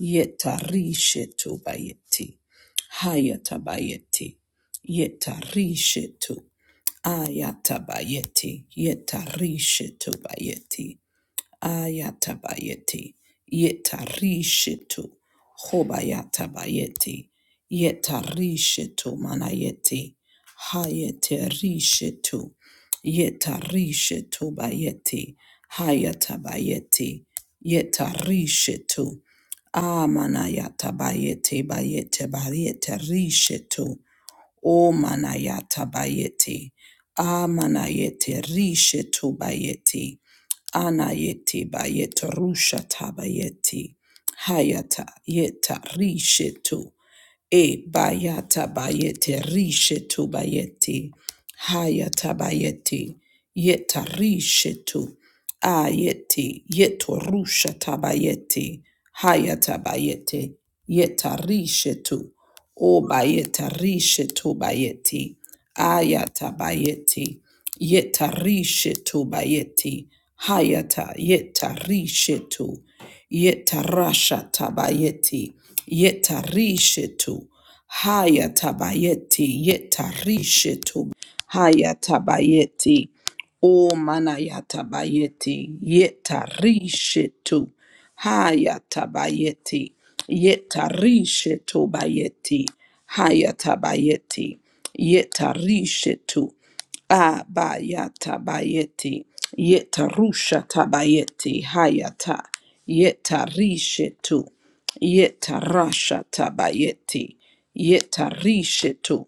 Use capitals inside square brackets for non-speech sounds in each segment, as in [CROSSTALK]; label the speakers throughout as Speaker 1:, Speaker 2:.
Speaker 1: Yetarishetu bayeti. Hayatabayeti. Yetarishetu. Ayatabayeti. Yetarishetu bayeti. Ayatabayeti, yetarishitu, hobayatabayeti, yetarishitu manayeti, hayeterishitu, yetarishitu bayeti, hayatabayeti, yetarishitu, amanayatabayeti, bayete, bayete, rishitu, O manayata bayete. Amanayete rishe tobayete. Anayete bayete rusha tabayete. Hayata yeta rishe to. E bayata bayete rishe tu bayete. Hayata bayete. Yeta rishe tu. Ayete. Yeto rusha tabayete. Hayata bayete. Yeta rishe tu. O bayeta rishe tu bayete. Ayata bayete. Yeta rishe tu bayete. Hayata yeta rishe tu. Yetarasha tabayeti. Yetarishetu. Haya tabayeti. Yetarishetu. Haya tabayeti. O manaya tabayeti. Yetarishetu. Haya tabayeti. Yetarishetu bayeti. Haya tabayeti. Yetarishetu. Abayata bayeti, yeta rusha tabayeti, hayata, yeta rishetu, yeta rasha tabayeti, yeta rishetu,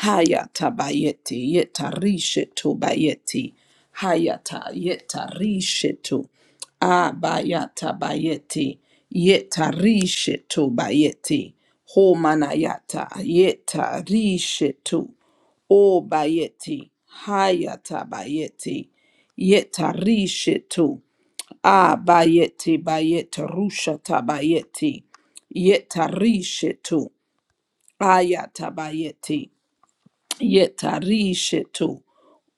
Speaker 1: hayata bayeti, yeta rishetu bayeti, hayata, yeta rishetu, abayata bayeti, yeta rishetu bayeti, homanayata, yeta rishetu. O bayeti, hayata bayeti, yetarishetu, a bayeti bayeta rushata bayeti, yetarishetu, ayata bayeti, yetarishetu,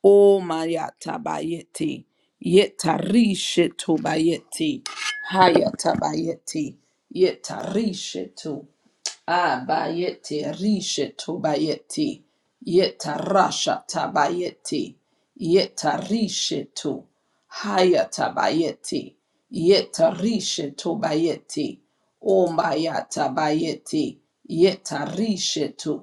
Speaker 1: o mayata bayeti, yetarishetu bayeti, hayata bayeti, yetarishetu. Abayeti rishe tobayeti. Yeta rasha tabayeti. Yeta rishe to. Haya tabayeti. Yeta rishe tobayeti. Omaya tabayeti. Yeta rishe to.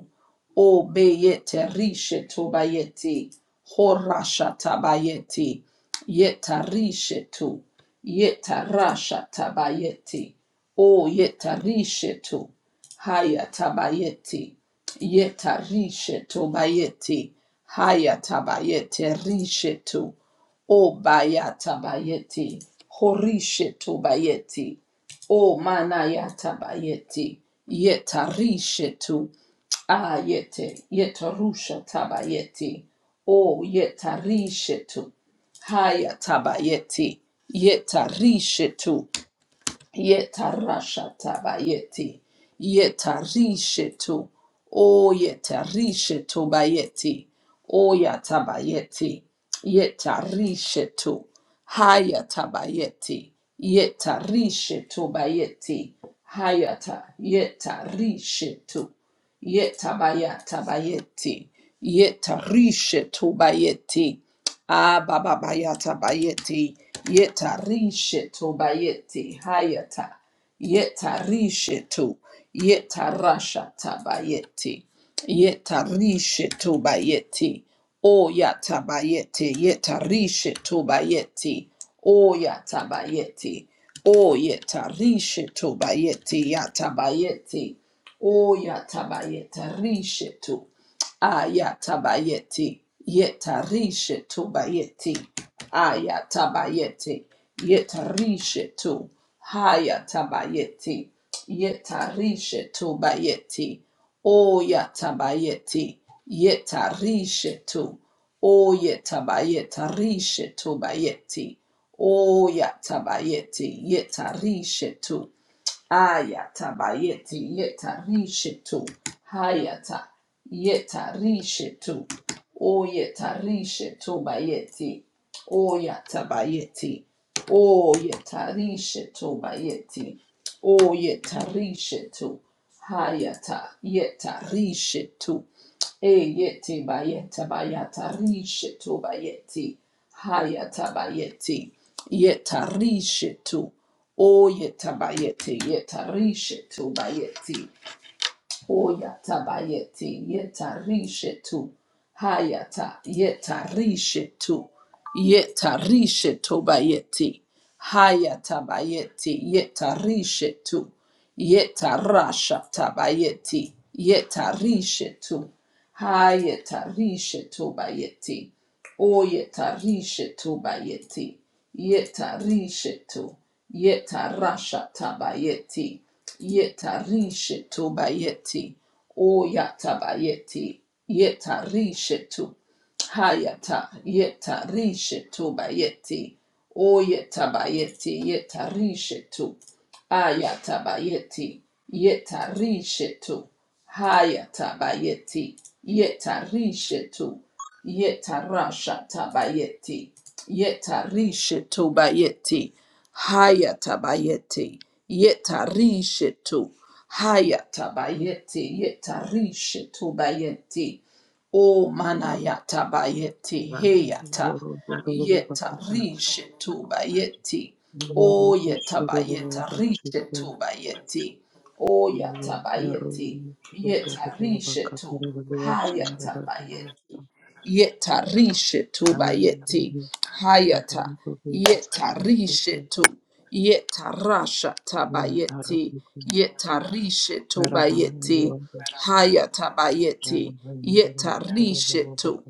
Speaker 1: Obeyete rishe tobayeti. Horasha tabayeti. Yeta rishe to. Yeta rasha tabayeti. O yeta rishe to. Hayatabayeti, Yeta rishe tobayeti. Haya tabayete rishe to. Obaya tabayeti. Horishe tobayeti. O manaya tabayeti. Yeta rishe to. Ayete. Yeta rusha tabayeti. O yeta rishe to. Haya Yeta rishe to. Yetarashatabayeti. Yetarishetu. O yetarishetu bayeti. O yatabayeti. Yetarishetu. Hayatabayeti. Yetarishetu bayeti. Hayata. Yetarishetu. Yetabayatabayeti. Yetarishetu bayeti. Ah, baba bayata bayeti, yeta risheto bayeti, hayata, yeta risheto, yeta rashata bayeti, yeta risheto bayeti, o yata bayeti, yeta risheto bayeti, o yata bayeti, o yeta risheto bayeti, yata bayeti, o yata bayeta risheto, Ayatabayeti. Yetarishe tu bayeti. Ayatabayeti. Yetarishe tu. Hayatabayeti. Yetarishe tu bayeti. Oyatabayeti. Yetarishe tu. Oyatabayetarishe tu bayeti. Oyatabayeti. Yetarishe tu. Ayata bayeti yeta rishetu. Hayata yeta rishetu. O yeta rishetu bayeti. O yata bayeti. O yeta rishetu bayeti. O yeta rishetu. Hayata yeta rishetu. E yeti bayeta bayata rishetu bayeti. Hayata bayeti. Yeta rishetu. O yetabayeti yetarishetu bayeti. O yatabayeti yetarishetu. Hayata yetarishetu. Yetarishetu bayeti. Hayata bayeti yetarishetu. Yetarasha tabayeti. Yetarishetu. Hayetarishetu bayeti. O yeta rishetu bayeti. Yeta rishetu. Yeta rashata bayeti. Yeta rishetu bayeti. O yata bayeti. Yeta rishetu. Hayata. Yeta rishetu bayeti. O yeta bayeti. Yeta rishetu. Ayata bayeti. Yeta rishetu. Hayata bayeti. Yeta rishetu tabayeti, tabayeti, Yeta rishetu bayeti, haya Yetarashatabayeti. Yetarishetobayeti. Hayatabayeti. Yetarishetu. Hayatabayeti. bayeti, O manayatabayeti. Heyata. Yeta rishetu bayeti, O yeta bayeta rishetu bayeti, O yatabayeti. haya tabayeti. Yeta rishetu ba yeti hayata. Yeta rishetu. Yeta rasha tabayeti. Yeta rishetu bayeti. Hayata bayeti. Yeta rishetu.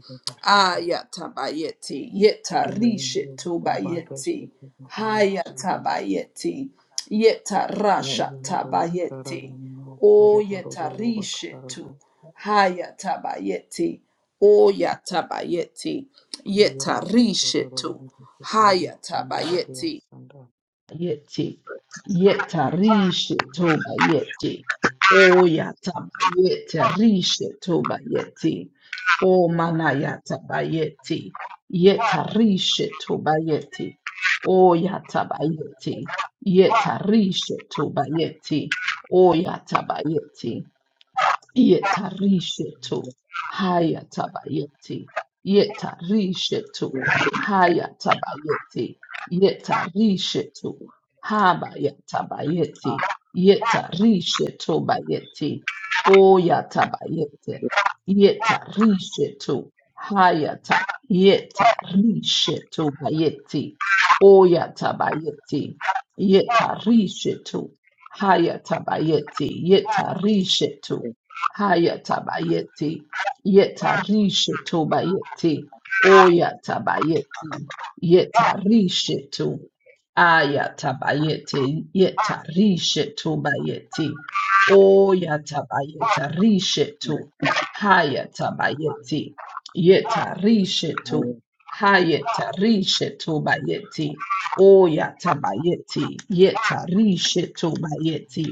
Speaker 1: Ayata bayeti. Yeta rishetu bayeti. Hayata bayeti. Yeta rasha tabayeti. O yeta rishetu. Hayata bayeti. O yatabayeti, yetarishetu, hayatabayeti, yeti, yetarishetu bayeti, o yatabayeti, rishetu bayeti, o manayatabayeti, yetarishetu bayeti, o yatabayeti, yetarishetu bayeti, o yatabayeti, Yetarishetu hayatabayeti. Yetarishetu hayatabayeti. Yetarishetu habayatabayeti. Yetarishetu bayeti. Oyatabayete. Yetarishetu hayata. Yetarishetu bayeti. Oyatabayeti. Yetarishetu hayatabayeti. Yetarishetu Hayatabayeti, yetarishetu bayeti, oyatabayeti, yetarishetu, ayatabayeti, yetarishetu bayeti, oyatabayeta rishetu, hayatabayeti, yetarishetu, hayetarishetu bayeti, oyatabayeti, yetarishetu bayeti,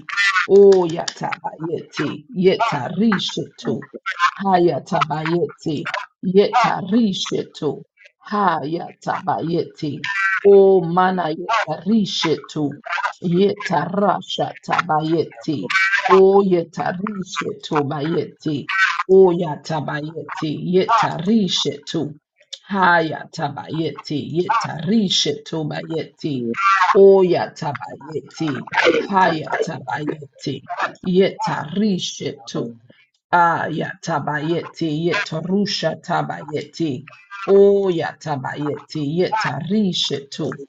Speaker 1: O yatabayeti, yetarishetu, hayatabayeti, yetarishetu, hayatabayeti, o mana yetarishetu, yetarasha tabayeti, o yetarishetu bayeti, o yatabayeti, yetarishetu, hayatabayeti, yetarishetu bayeti, o yatabayeti, Hayatabayeti. Yeta rishetu. Ayatabayeti. Yeta rusha tabayeti. Oyatabayeti. Yeta rishetu.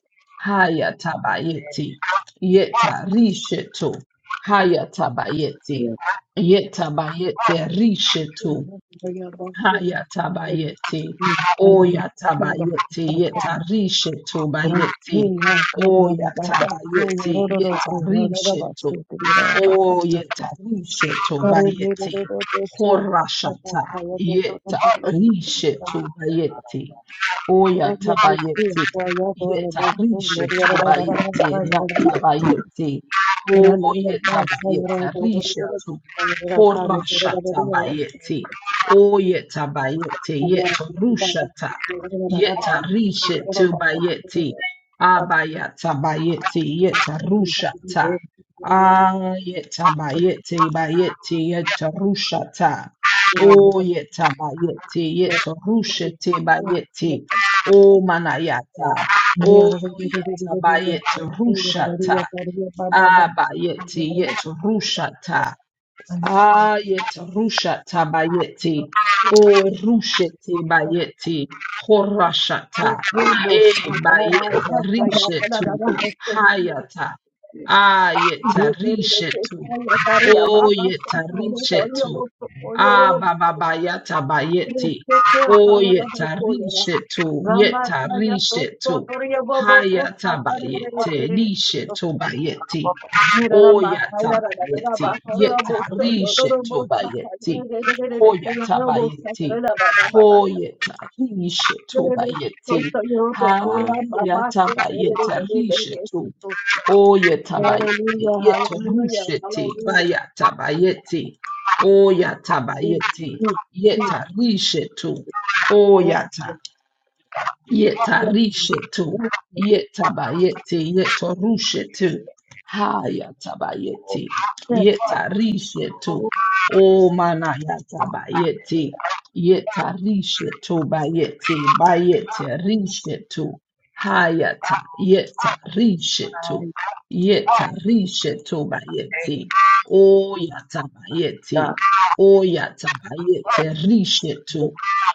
Speaker 1: Hayatabayeti. Yeta rishetu. Hayatabayeti. Yetabayeti rishetu.
Speaker 2: Thank
Speaker 1: Hayatabayeti. Oyatabayeti. Yetarishe tobayeti. Oyatabayeti. Yetarishe to. bayeti, tobayeti. Horashata. Yetarishe
Speaker 2: you.
Speaker 1: tobayeti. Oyatabayeti. Yetarishe tobayeti. Yatabayeti. Oyetabayeti. Rishe to. Horashata bayeti. O yeta bayete
Speaker 2: Thank
Speaker 1: yeto rushata yeta rishe to bayete abayata bayete yeta rushata ayeta bayete bayete bayeti yeta rushata o yeta bayete yeto rushete bayete o manayata o yeta bayete rushata abayete yeto rushata Ayet rusha bayeti o rusheti bayeti, horashata, e bayete rishetu, hayata, ayeta rishetu, o yeta rishetu, abababayata bayeti, o yeta
Speaker 2: you.
Speaker 1: rishetu, yeta
Speaker 2: Ramakaya Soto
Speaker 1: rishetu,
Speaker 2: Toria Bobo Costa
Speaker 1: hayata bayete, rishetu bayeti.
Speaker 2: Mira la
Speaker 1: Hoya
Speaker 2: Makaya la
Speaker 1: tabayeti,
Speaker 2: Bakora
Speaker 1: yeta
Speaker 2: Bosto
Speaker 1: rishe
Speaker 2: Dodo Bosta
Speaker 1: tobayeti,
Speaker 2: que
Speaker 1: hoya
Speaker 2: ya no Bosta
Speaker 1: tabayeti,
Speaker 2: la Baba Baba
Speaker 1: hoyeta rishe tobayeti,
Speaker 2: esto yo toco la
Speaker 1: haya
Speaker 2: Baba
Speaker 1: tabayeta rishe tu, oye tabayeti,
Speaker 2: Hallelujah
Speaker 1: yeto
Speaker 2: Hallelujah
Speaker 1: rusheti,
Speaker 2: Hallelujah
Speaker 1: baya tabayeti, oya
Speaker 2: Jesus
Speaker 1: tabayeti, yeta
Speaker 2: Jesus
Speaker 1: rishe tu, Oya
Speaker 2: Jesus
Speaker 1: ta.
Speaker 2: yes yes yes Lord,
Speaker 1: Yetarishetu.
Speaker 2: yes Lord,
Speaker 1: Yetabayeti. Yetorushetu. Hayatabayeti.
Speaker 2: yes
Speaker 1: Yetarishetu. O manayatabayeti. Yetarishetu bayeti. Bayeti rishetu. Hayata. Yetarishetu. Yetarishetu bayeti. O yatabayeti. O yatabayeti rishetu.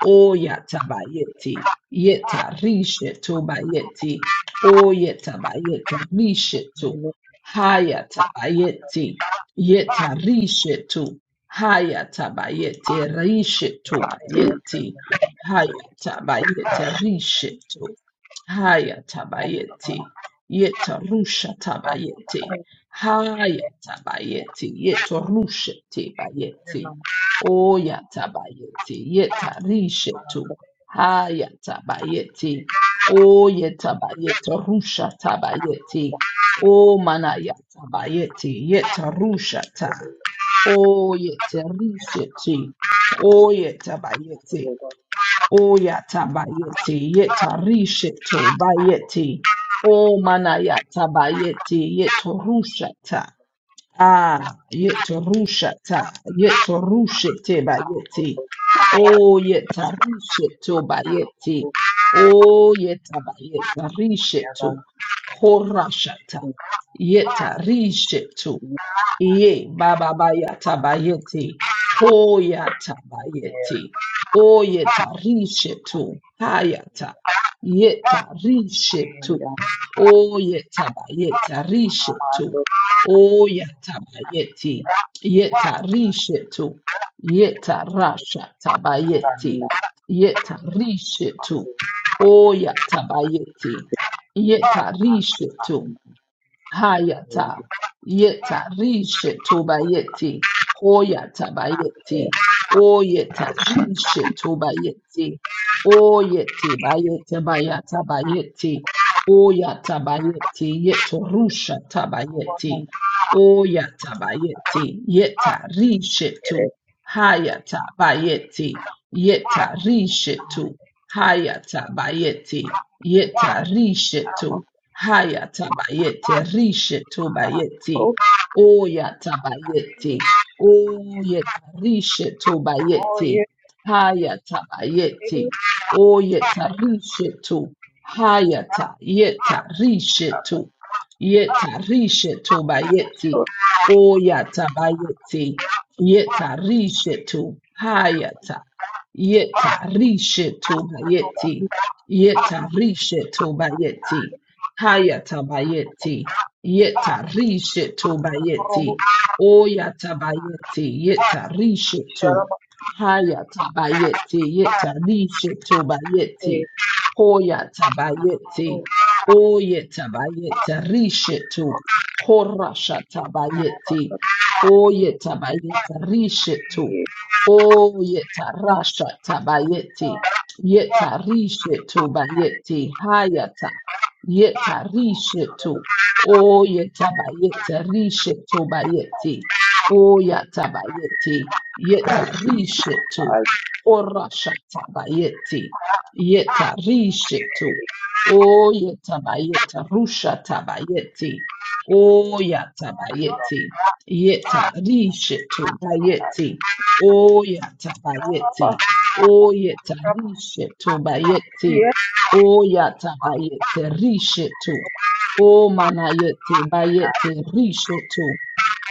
Speaker 1: Oyatabayeti, yeta rishetu bayeti, oyetabayeta rishetu, hayatabayeti, yeta rishetu, hayatabayeti, rishetu bayeti, hayatabayeti, rishetu, hayatabayeti, yeta rushatabayeti, hayatabayeti, yeta rusheti bayeti. O Oyatabayeti yetarishetu hayatabayeti oyetabayeta rusha tabayeti o manayatabayeti yetarusha ta o oyetarishetu oyetabayeti oyatabayeti yetarishetu bayeti o manayatabayeti yetorusha ta. Ah, yetorusha yetorushe ba yeti. Oh, yetarishe to bayeti. Oh, yetabayetarishe to horashata. Yetarishe Ye baba bayata bayete, hoyata bayete, oyeta rishetu, hayata, yeta rishetu, oyeta bayeta rishetu, oyata bayete, yeta rishetu, yeta rasha tabayete, yeta rishetu, oyata bayete, yeta rishetu, Hayata, yeta, rishe tobayeti, hoyata bayeti, oyeta, rishe tobayeti, oyete bayete bayata bayeti, oyata bayeti, yeto rusha tabayeti, oyata bayeti, yeta, rishe tu, hayata bayeti, yeta, rishe tu, hayata bayeti, yeta, rishe tu, Haya tabayete, rishe tobayeti, oya tabayeti, oyeta rishe tobayeti, haya tabayeti, oyeta rishe to, haya ta, yeta rishe to, yeta rishe tobayeti, oya tabayeti, yeta rishe to, haya ta, yeta rishe tobayeti, yeta rishe tobayeti. Hayatabayeti, yeta rishetu bayeti, oyatabayeti, yeta rishetu, hayatabayeti, yeta rishetu bayeti, hoyatabayeti, oyetabayeta rishetu, horashatabayeti, oyetabayeta rishetu, oyeta rashatabayeti, yeta rishetu bayeti, Yetarishetu. O yetabayetarishetu bayeti. O yatabayeti. Yetarishetu. Horashatabayeti. Yetarishetu. O yetabayeta rushatabayeti. O yatabayeti. Yetarishetu bayeti. O yatabayeti. O yetarishetu bayeti.
Speaker 3: Yes,
Speaker 1: O yata bayete rishetu. O manayete bayete rishetu.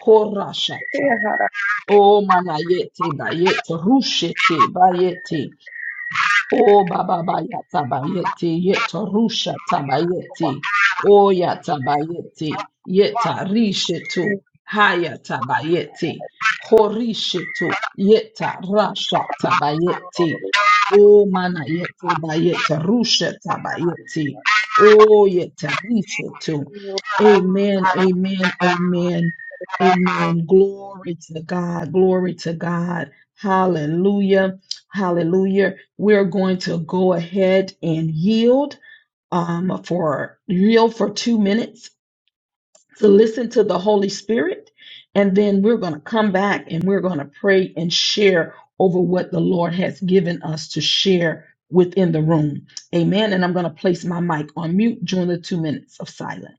Speaker 1: Horashata. O manayete bayete rushete bayete. O baba baya tabayeti yeta rusha tabayeti. O ya tabayeti yeta rishetu haya tabayeti. Horishetu yeta rasha tabayeti. O mana yete bayeta rusha tabayeti. O yeta rishetu. Amen, amen, amen, amen. Glory to God, glory to God. Hallelujah, hallelujah we're going to go ahead and yield um, for yield for two minutes to listen to the Holy Spirit, and then we're going to come back and we're going to pray and share over what the Lord has given us to share within the room. Amen. And I'm going to place my mic on mute during the two minutes of silence.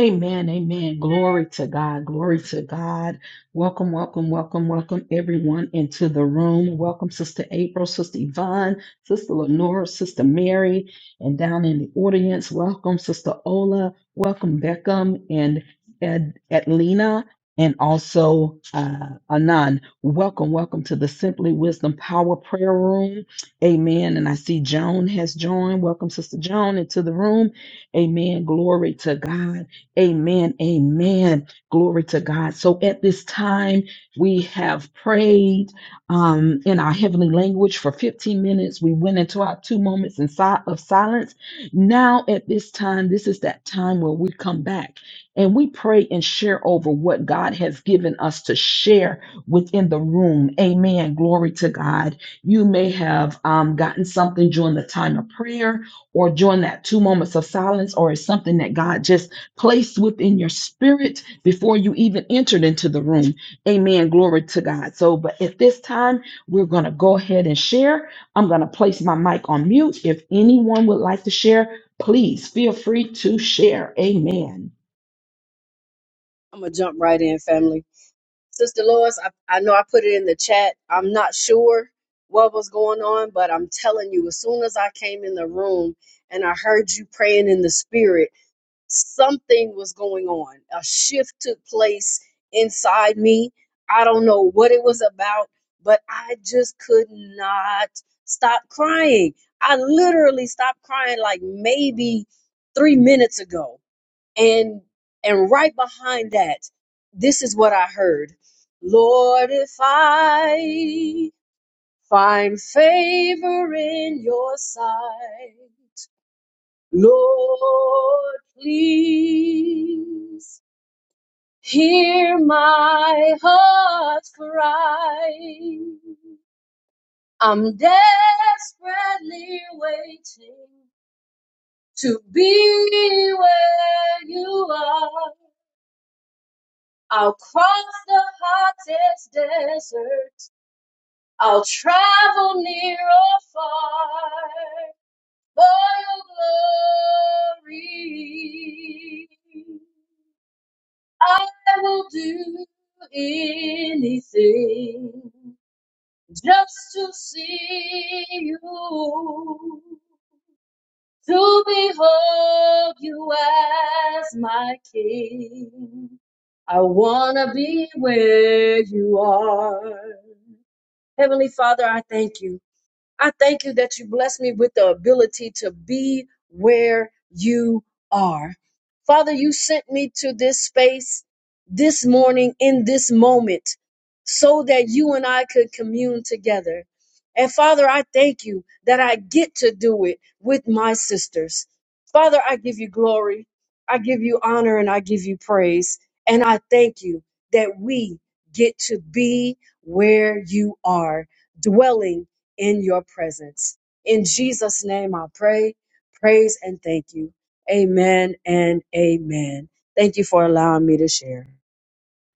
Speaker 1: Amen, amen. Glory to God, glory to God. Welcome, welcome, welcome, welcome everyone into the room. Welcome, Sister April, Sister Yvonne, Sister Lenora, Sister Mary, and down in the audience, welcome, Sister Ola, welcome, Beckham, and Ed, Edlina, and also uh, Anan. Welcome, welcome to the Simply Wisdom Power Prayer Room. Amen. And I see Joan has joined. Welcome, Sister Joan, into the room. Amen. Glory to God. Amen. Amen. Glory to God. So at this time, we have prayed um, in our heavenly language for 15 minutes. We went into our two moments in si- of silence. Now, at this time, this is that time where we come back and we pray and share over what God has given us to share within the room. Amen. Glory to God. You may have um, gotten something during the time of prayer or during that two moments of silence, or it's something that God just placed within your spirit before you even entered into the room. Amen. Glory to God. So, but at this time, we're going to go ahead and share. I'm going to place my mic on mute. If anyone would like to share, please feel free to share. Amen.
Speaker 2: I'm gonna jump right in, family. Sister Lois, I, I know I put it in the chat. I'm not sure what was going on, but I'm telling you, as soon as I came in the room and I heard you praying in the spirit, something was going on. A shift took place inside me. I don't know what it was about, but I just could not stop crying. I literally stopped crying like maybe three minutes ago and and right behind that this is what i heard lord if i find favor in your sight lord please hear my heart's cry i'm desperately waiting to be where you are I'll cross the hottest desert. I'll travel near or far for your glory. I will do anything just to see you, to behold you as my king. I wanna be where you are. Heavenly Father, I thank you. I thank you that you bless me with the ability to be where you are. Father, you sent me to this space this morning in this moment so that you and I could commune together. And Father, I thank you that I get to do it with my sisters. Father, I give you glory, I give you honor, and I give you praise. And I thank you that we get to be where you are, dwelling in your presence. In Jesus' name I pray, praise, and thank you. Amen and amen. Thank you for allowing me to share.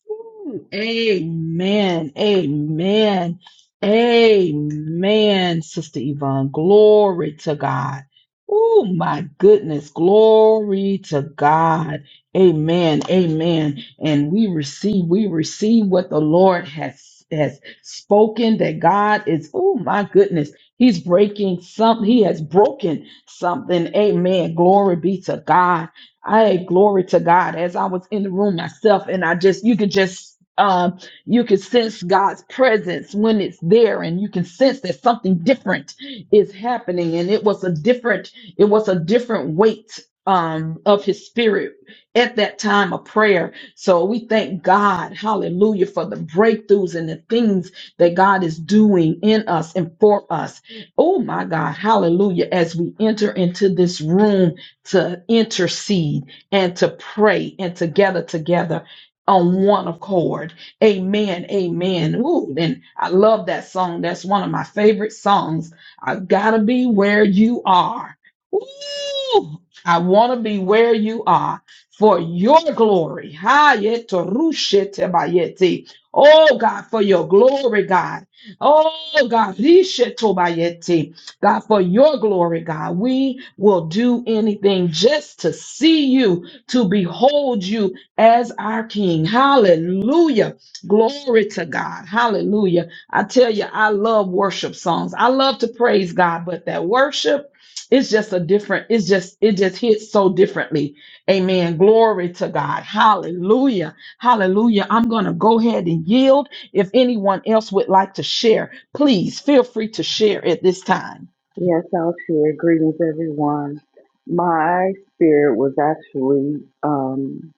Speaker 1: Ooh, Amen. Amen. Amen, Sister Yvonne. Glory to God. Oh, my goodness. Glory to God. Amen. Amen. And we receive, we receive what the Lord has has spoken that God is, oh my goodness, He's breaking something. He has broken something. Amen. Glory be to God. I glory to God as I was in the room myself, and I just you could just um you could sense God's presence when it's there, and you can sense that something different is happening, and it was a different it was a different weight um of His Spirit at that time of prayer. So we thank God, Hallelujah, for the breakthroughs and the things that God is doing in us and for us. Oh my God, Hallelujah! As we enter into this room to intercede and to pray and to gather together on one accord. Amen. Amen. Ooh, and I love that song. That's one of my favorite songs. I gotta be where you are. Ooh, I wanna be where you are for your glory. Ha, yeto rushe te bayeti. Oh God, for your glory, God. Oh God, rishe to bayeti. God, for your glory, God, we will do anything just to see you, to behold you as our King. Hallelujah. Glory to God. Hallelujah. I tell you, I love worship songs. I love to praise God, but that worship, it's just a different, it's just, it just hits so differently. Amen. Glory to God. Hallelujah. Hallelujah. I'm going to go ahead and yield. If anyone else would like to share, please feel free to share at this time.
Speaker 3: Yes, I'll share. Greetings, everyone. My spirit was actually um,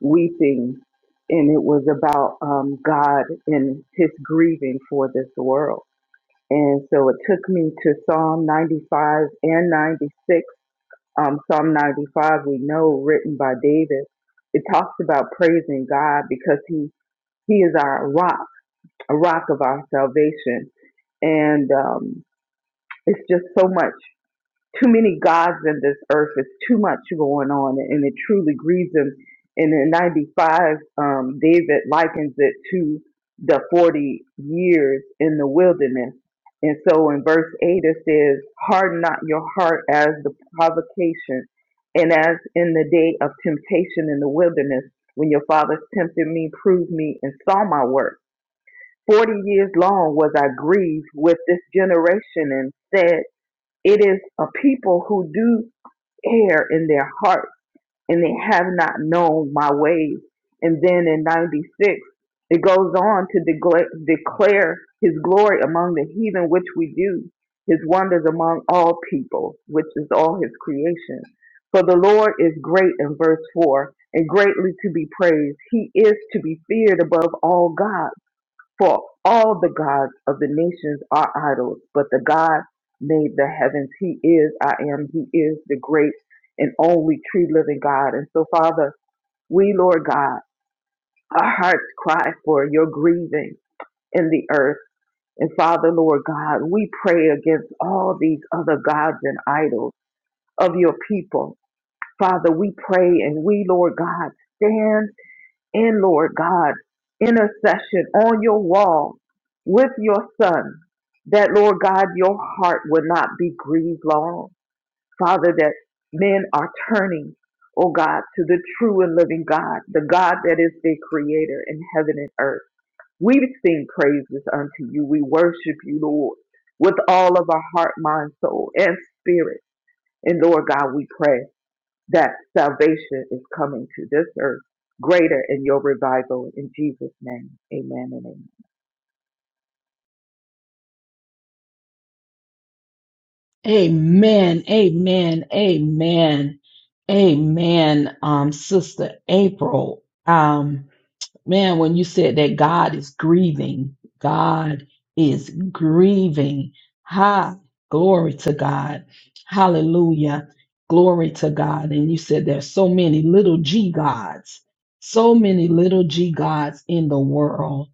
Speaker 3: weeping, and it was about um, God and His grieving for this world. And so it took me to Psalm 95 and 96. Um, Psalm 95, we know, written by David. It talks about praising God because He He is our rock, a rock of our salvation, and um, It's just so much, too many gods in this earth. It's too much going on, and it truly grieves him. And in 95, um, David likens it to the 40 years in the wilderness. And so in verse 8, it says, Harden not your heart as the provocation, and as in the day of temptation in the wilderness, when your fathers tempted me, proved me, and saw my work. Forty years long was I grieved with this generation, and said, it is a people who do err in their hearts and they have not known my ways. And then in 96, it goes on to declare, declare his glory among the heathen, which we do, his wonders among all people, which is all his creation. For the Lord is great in verse 4 and greatly to be praised. He is to be feared above all gods. For all the gods of the nations are idols, but the God made the heavens. He is, I am, He is the great and only true living God. And so, Father, we, Lord God, our hearts cry for your grieving in the earth. And Father, Lord God, we pray against all these other gods and idols of your people. Father, we pray and we, Lord God, stand in, Lord God, intercession on your wall with your son, that, Lord God, your heart would not be grieved long. Father, that men are turning, oh God, to the true and living God, the God that is the creator in heaven and earth. We sing praises unto you. We worship you, Lord, with all of our heart, mind, soul, and spirit. And Lord God, we pray that salvation is coming to this earth, greater in your revival. In Jesus' name, amen and amen.
Speaker 1: Amen. Amen. Amen. Amen. Um, Sister April. Um, man, when you said that God is grieving, God is grieving. Ha, glory to God. Hallelujah. Glory to God. And you said there's so many little G gods, so many little G gods in the world.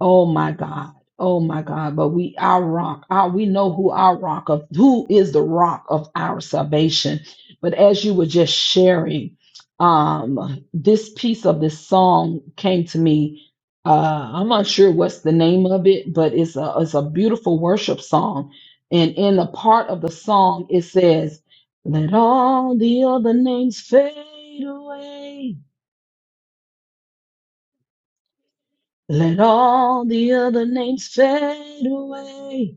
Speaker 1: Oh my God. Oh my God. But we our rock. Our, we know who our rock of who is the rock of our salvation. But as you were just sharing, um, this piece of this song came to me. Uh, I'm not sure what's the name of it, but it's a it's a beautiful worship song. And in the part of the song, it says, Let all the other names fade away. Let all the other names fade away.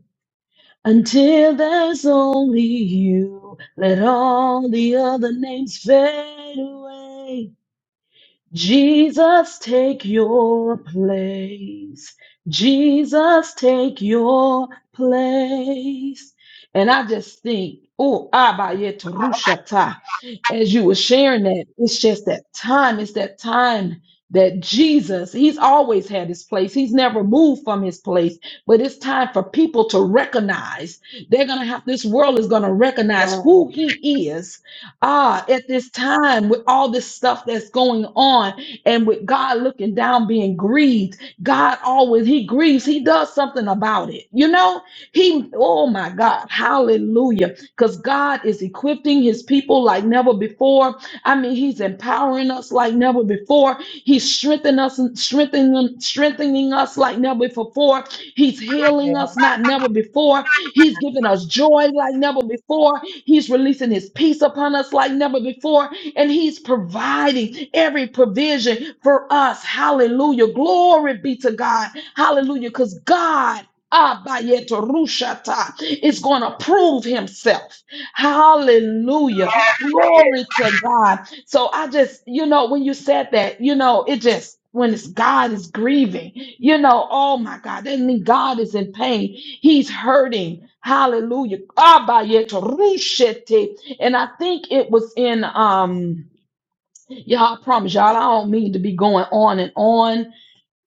Speaker 1: Until there's only you, let all the other names fade away. Jesus, take your place. Jesus, take your place. And I just think, oh, Abayetarushata, as you were sharing that, it's just that time. It's that time that Jesus, he's always had his place. He's never moved from his place. But it's time for people to recognize. They're going to have, this world is going to recognize
Speaker 3: No,
Speaker 1: who he is Ah, at this time, with all this stuff that's going on, and with God looking down, being grieved, God always, He grieves, He does something about it. You know, He, oh my God, hallelujah. Because God is equipping His people like never before. I mean, He's empowering us like never before. He's strengthening us, strengthening, strengthening us like never before. He's healing us not never before. He's giving us joy like never before. He's releasing his peace upon us like never before. And he's providing every provision for us. Hallelujah. Glory be to God. Hallelujah. Because God. Abayeto Rushata is going to prove himself. Hallelujah. Glory to God. So I just, you know, when you said that, you know, it just when it's God is grieving, you know, oh my God, that means God is in pain. He's hurting. Hallelujah. Abayeturushete. And I think it was in um y'all I promise y'all I don't mean to be going on and on.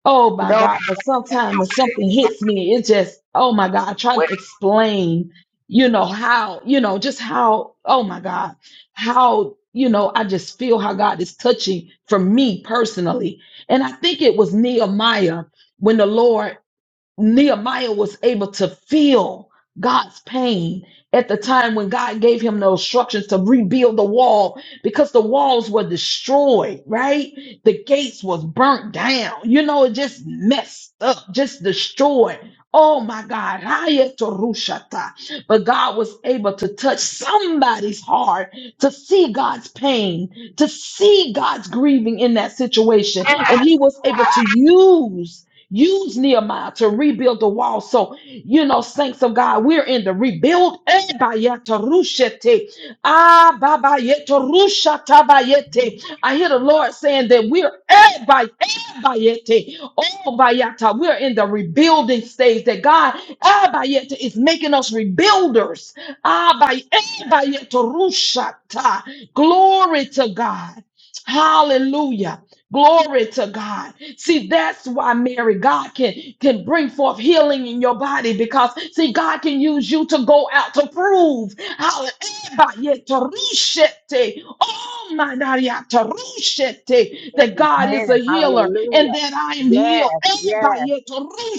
Speaker 1: Oh my
Speaker 3: no
Speaker 1: God. But sometimes when something hits me, it just, oh my God, I try
Speaker 3: way.
Speaker 1: to explain, you know, how, you know, just how, oh my God, how, you know, I just feel how God is touching for me personally. And I think it was Nehemiah when the Lord Nehemiah was able to feel God's pain at the time when God gave him the instructions to rebuild the wall because the walls were destroyed, right? The gates was burnt down. You know, it just messed up, just destroyed. Oh my God. Raya Torushata. But God was able to touch somebody's heart to see God's pain, to see God's grieving in that situation. And he was able to use Use Nehemiah to rebuild the wall. So, you know, saints of God, we're in the rebuild. Eh, bayatarushete. Ah, babayetarushatabayete. I hear the Lord saying that we're eh, bay- eh, bayete. Oh, bayata. we're in the rebuilding stage that God ah, bayete, is making us rebuilders. Ah, bay- eh, bayetarushata. Glory to God. Hallelujah. Glory to God. See, that's why Mary, God can, can bring forth healing in your body because, see, God can use you to go out to prove how Oh my that God
Speaker 4: Amen.
Speaker 1: is a healer and
Speaker 4: Hallelujah.
Speaker 1: that I am healed.
Speaker 4: Yes, yes,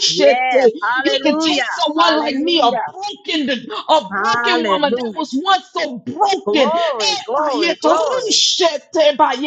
Speaker 4: yes.
Speaker 1: He can
Speaker 4: Hallelujah.
Speaker 1: take someone like me, a
Speaker 4: Hallelujah.
Speaker 1: broken, a broken woman that
Speaker 4: Hallelujah.
Speaker 1: was once so broken,
Speaker 4: Glory, glory, glory.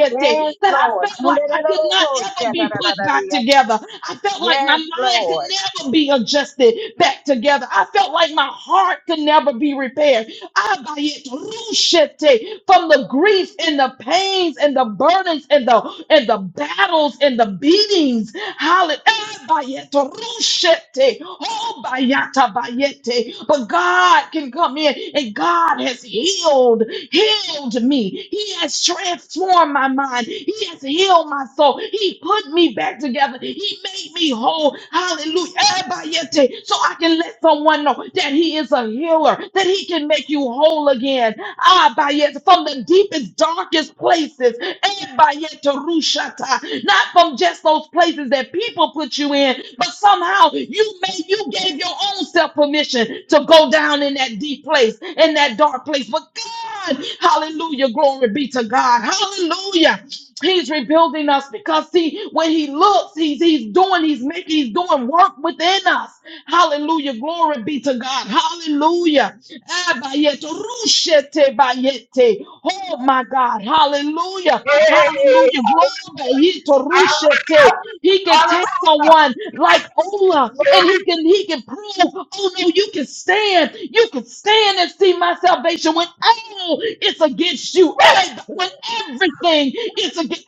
Speaker 4: Yes,
Speaker 1: that I
Speaker 4: Lord.
Speaker 1: felt like I could not ever be put back together. I felt like my
Speaker 4: Yes,
Speaker 1: mind could
Speaker 4: Lord.
Speaker 1: never be adjusted back together. I felt like my heart could never be repaired. Abayet rushete, from the grief and the pains and the burdens and the and the battles and the beatings. Hallelujah. Abayet rushete, oh, bayata bayete. But God can come in and God has healed, healed me. He has transformed my mind. He has healed my soul. He put me back together. He made me whole. Hallelujah. Abayete. So I can let someone know that He he is a healer, that he can make you whole again. Ah, by yet from the deepest, darkest places. And by yet to Rushata. Not from just those places that people put you in, but somehow you made you gave your own self permission to go down in that deep place, in that dark place. But God, hallelujah, glory be to God. Hallelujah. He's rebuilding us because see, when he looks, he's he's doing, he's making, he's doing work within us. Hallelujah. Glory be to God. Hallelujah. Abayete, rushete, bayete. Oh my God. Hallelujah. Hallelujah. Glory be bayete, rushete. He can take someone like Ola and he can he can prove, oh no, you can stand. You can stand and see my salvation when all it's against you. Ev- When thing is against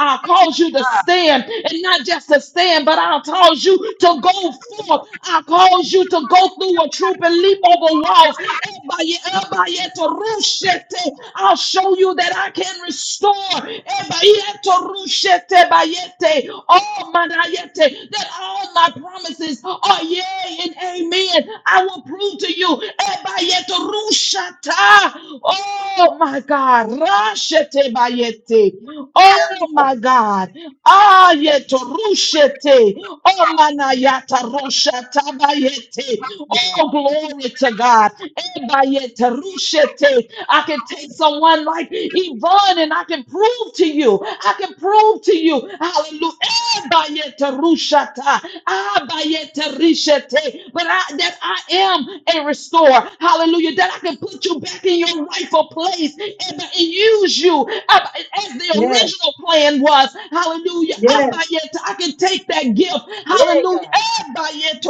Speaker 1: I'll cause you to stand and not just to stand, but I'll cause you to go forth. I'll cause you to go through a troop and leap over walls. Everybody, everybody to rushete. I'll show you that I can restore Everybody to rushete bayete. Oh, my that all my promises are yea and amen. I will prove to you. Everybody to rushata. Oh, Oh my God. Rashete bayete. Oh my God. Ayeto rushete. Oh manayata rushata bayete. Oh glory to God. Ebayete rushete. I can take someone like Yvonne and I can prove to you. I can prove to you. Hallelujah. Ebayete rushata. Abayete rishete. But I, that I am a restorer. Hallelujah. That I can put you back in your right rightful place and, and use you Abba, as the
Speaker 2: Yes,
Speaker 1: original plan was. Hallelujah.
Speaker 2: yes,
Speaker 1: Abba, yet I can take that gift.
Speaker 2: yeah,
Speaker 1: Hallelujah.
Speaker 2: God,
Speaker 1: Abba, yet to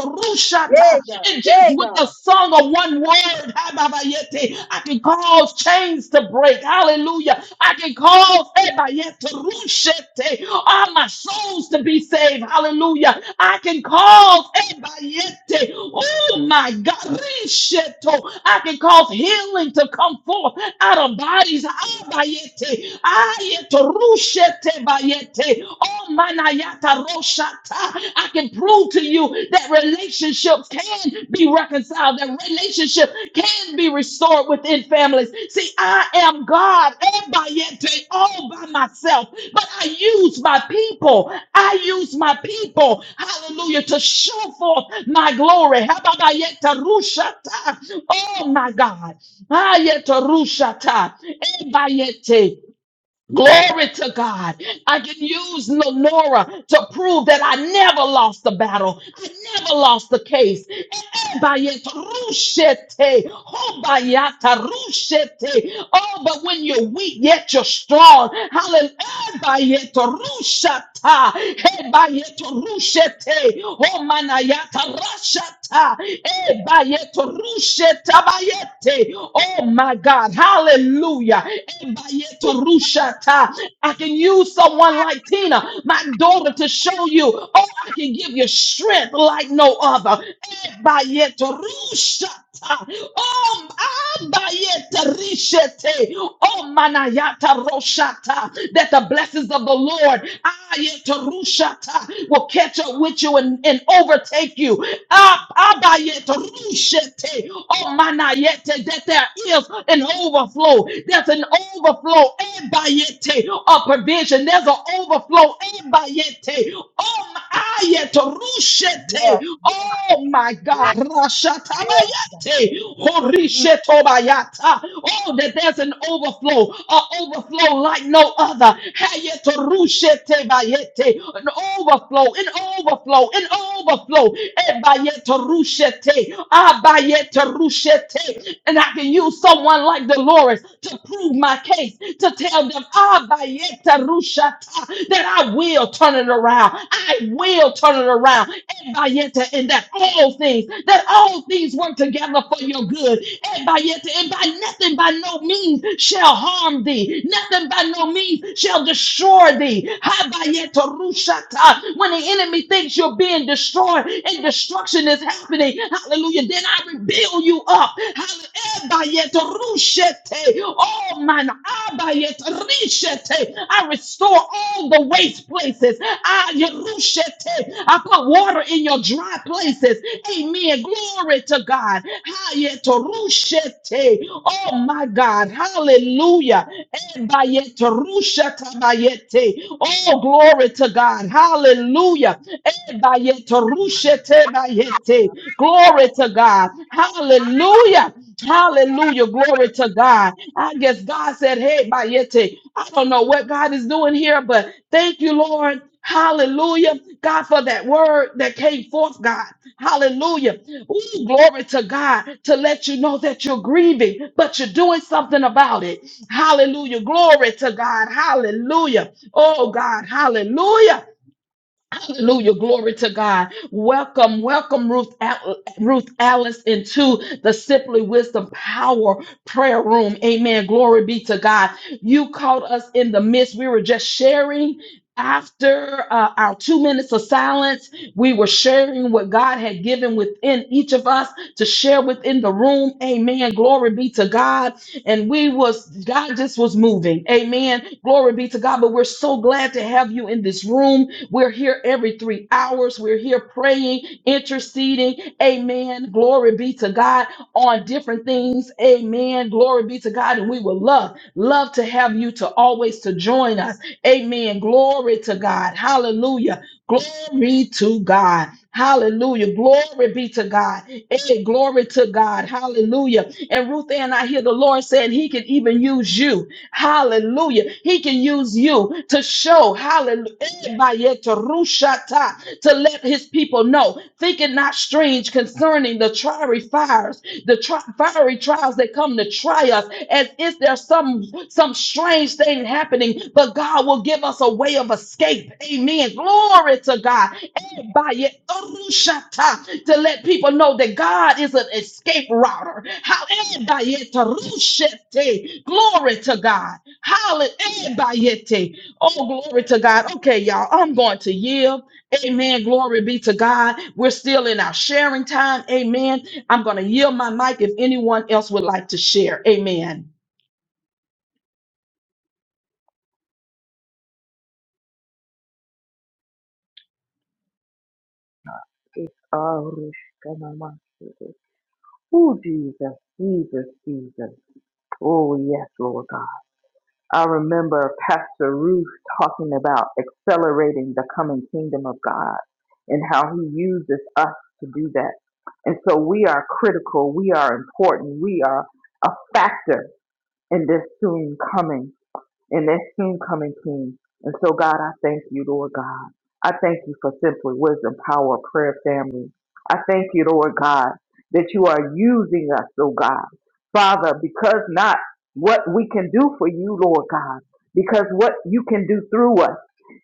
Speaker 2: yeah,
Speaker 1: rushata.
Speaker 2: God,
Speaker 1: And just
Speaker 2: yeah,
Speaker 1: with the
Speaker 2: God.
Speaker 1: song of one word, Abba, yet, I can cause chains to break. Hallelujah. I can cause Abba, yet, to rushete, all my souls to be saved. Hallelujah. I can cause Abba, yet, oh my God, risheto. I can cause healing to to come forth out of bodies. Abayete, ayeto rushete bayete, oh manayata roshata. I can prove to you that relationships can be reconciled, that relationship can be restored within families. See, I am God abayete, all by myself, but I use my people. I use my people, hallelujah, to show forth my glory. Hababayeta rushata. Oh my God. Ayeto rushata. Ebayete. Glory to God. I can use Lenora to prove that I never lost the battle. I never lost the case. Ebayet rushete, hobayata rushete. Oh, but when you're weak, yet you're strong. Hallelujah. Ebayet rushata, ebayet rushete, homanayata rashata, ebayet rusheta bayete. Oh, God. Hallelujah. Ebayeturushata. I can use someone like Tina, my daughter, to show you. Oh, I can give you strength like no other. Ebayeturushata. Oh, abayeterishete. Oh, manayata roshata. That the blessings of the Lord ayeterushata, will catch up with you and, and overtake you. Ishete, Oh, mana yete, that there is an overflow. There's an overflow eh, bayete, of provision. There's an overflow. eh, bayete. Oh, my ayete, rushete. Oh, my God. Rashatabayate, horishetobayata. Oh, that there's an overflow, an overflow like no other. Hayete, rushete, bayete. An overflow, an overflow, overflow, an overflow. Ebayetarushete, abayetarushete. And I can use someone like Dolores to prove my case, to tell them abayetarushata, that I will turn it around. I will turn it around. Ebayeta, And that all things, that all things work together for your good. And and by nothing by no means shall harm thee. Nothing by no means shall destroy thee. Habayetorushata. When the enemy thinks you're being destroyed and destruction is happening, hallelujah, then I rebuild you up. Hallelujah. Ebayetorushete. Oh, man. Abayetorishete. I restore all the waste places. Ayerushete. I put water in your dry places. Amen. Glory to God. Hayetorishete. Oh my God. Hallelujah. Bayete, Rusha Tabayete. Oh, glory to God. Hallelujah. Eh, Bayete, Rusha Tabayete. Glory to God. Hallelujah. Hallelujah. Glory to God. I guess God said, Hey, Bayete. I don't know what God is doing here, but thank you, Lord. Hallelujah. God, for that word that came forth, God. Hallelujah. Ooh, glory to God to let you know that you're grieving, but you're doing something about it. Hallelujah. Glory to God. Hallelujah. Oh, God. Hallelujah. Hallelujah. Glory to God. Welcome, welcome, Ruth, Al- Ruth Alice, into the Simply Wisdom Power Prayer Room. Amen. Glory be to God. You caught us in the midst. We were just sharing. After uh, our two minutes of silence, we were sharing what God had given within each of us to share within the room. Amen. Glory be to God. And we was God just was moving. Amen. Glory be to God. But we're so glad to have you in this room. We're here every three hours. We're here praying, interceding. Amen. Glory be to God on different things. Amen. Glory be to God. And we will love, love to have you to always to join us. Amen. Glory to God. Hallelujah. Glory to God. Hallelujah. Glory be to God. Hey, glory to God. Hallelujah. And Ruth Ann, I hear the Lord saying he can even use you. Hallelujah. He can use you to show, hallelujah, to let his people know. Think it not strange concerning the fiery fires, the tri- fiery trials that come to try us, as if there's some some some strange thing happening, but God will give us a way of escape. Amen. Glory to God. Ebaye torushata, To let people know that God is an escape router. How- Ebaye torushete. Glory to God. Hallelujah. Ebayete. Oh, glory to God. Okay, y'all, I'm going to yield. Amen. Glory be to God. We're still in our sharing time. Amen. I'm going to yield my mic if anyone else would like to share. Amen.
Speaker 3: Oh, Oh, Jesus, Jesus, Jesus. Oh, yes, Lord God. I remember Pastor Ruth talking about accelerating the coming kingdom of God and how he uses us to do that. And so we are critical. We are important. We are a factor in this soon coming. and that soon coming King. And so, God, I thank you, Lord God. I thank you for simply wisdom, power, prayer, family. I thank you, Lord God, that you are using us, oh God. Father, because not what we can do for you, Lord God, because what you can do through us.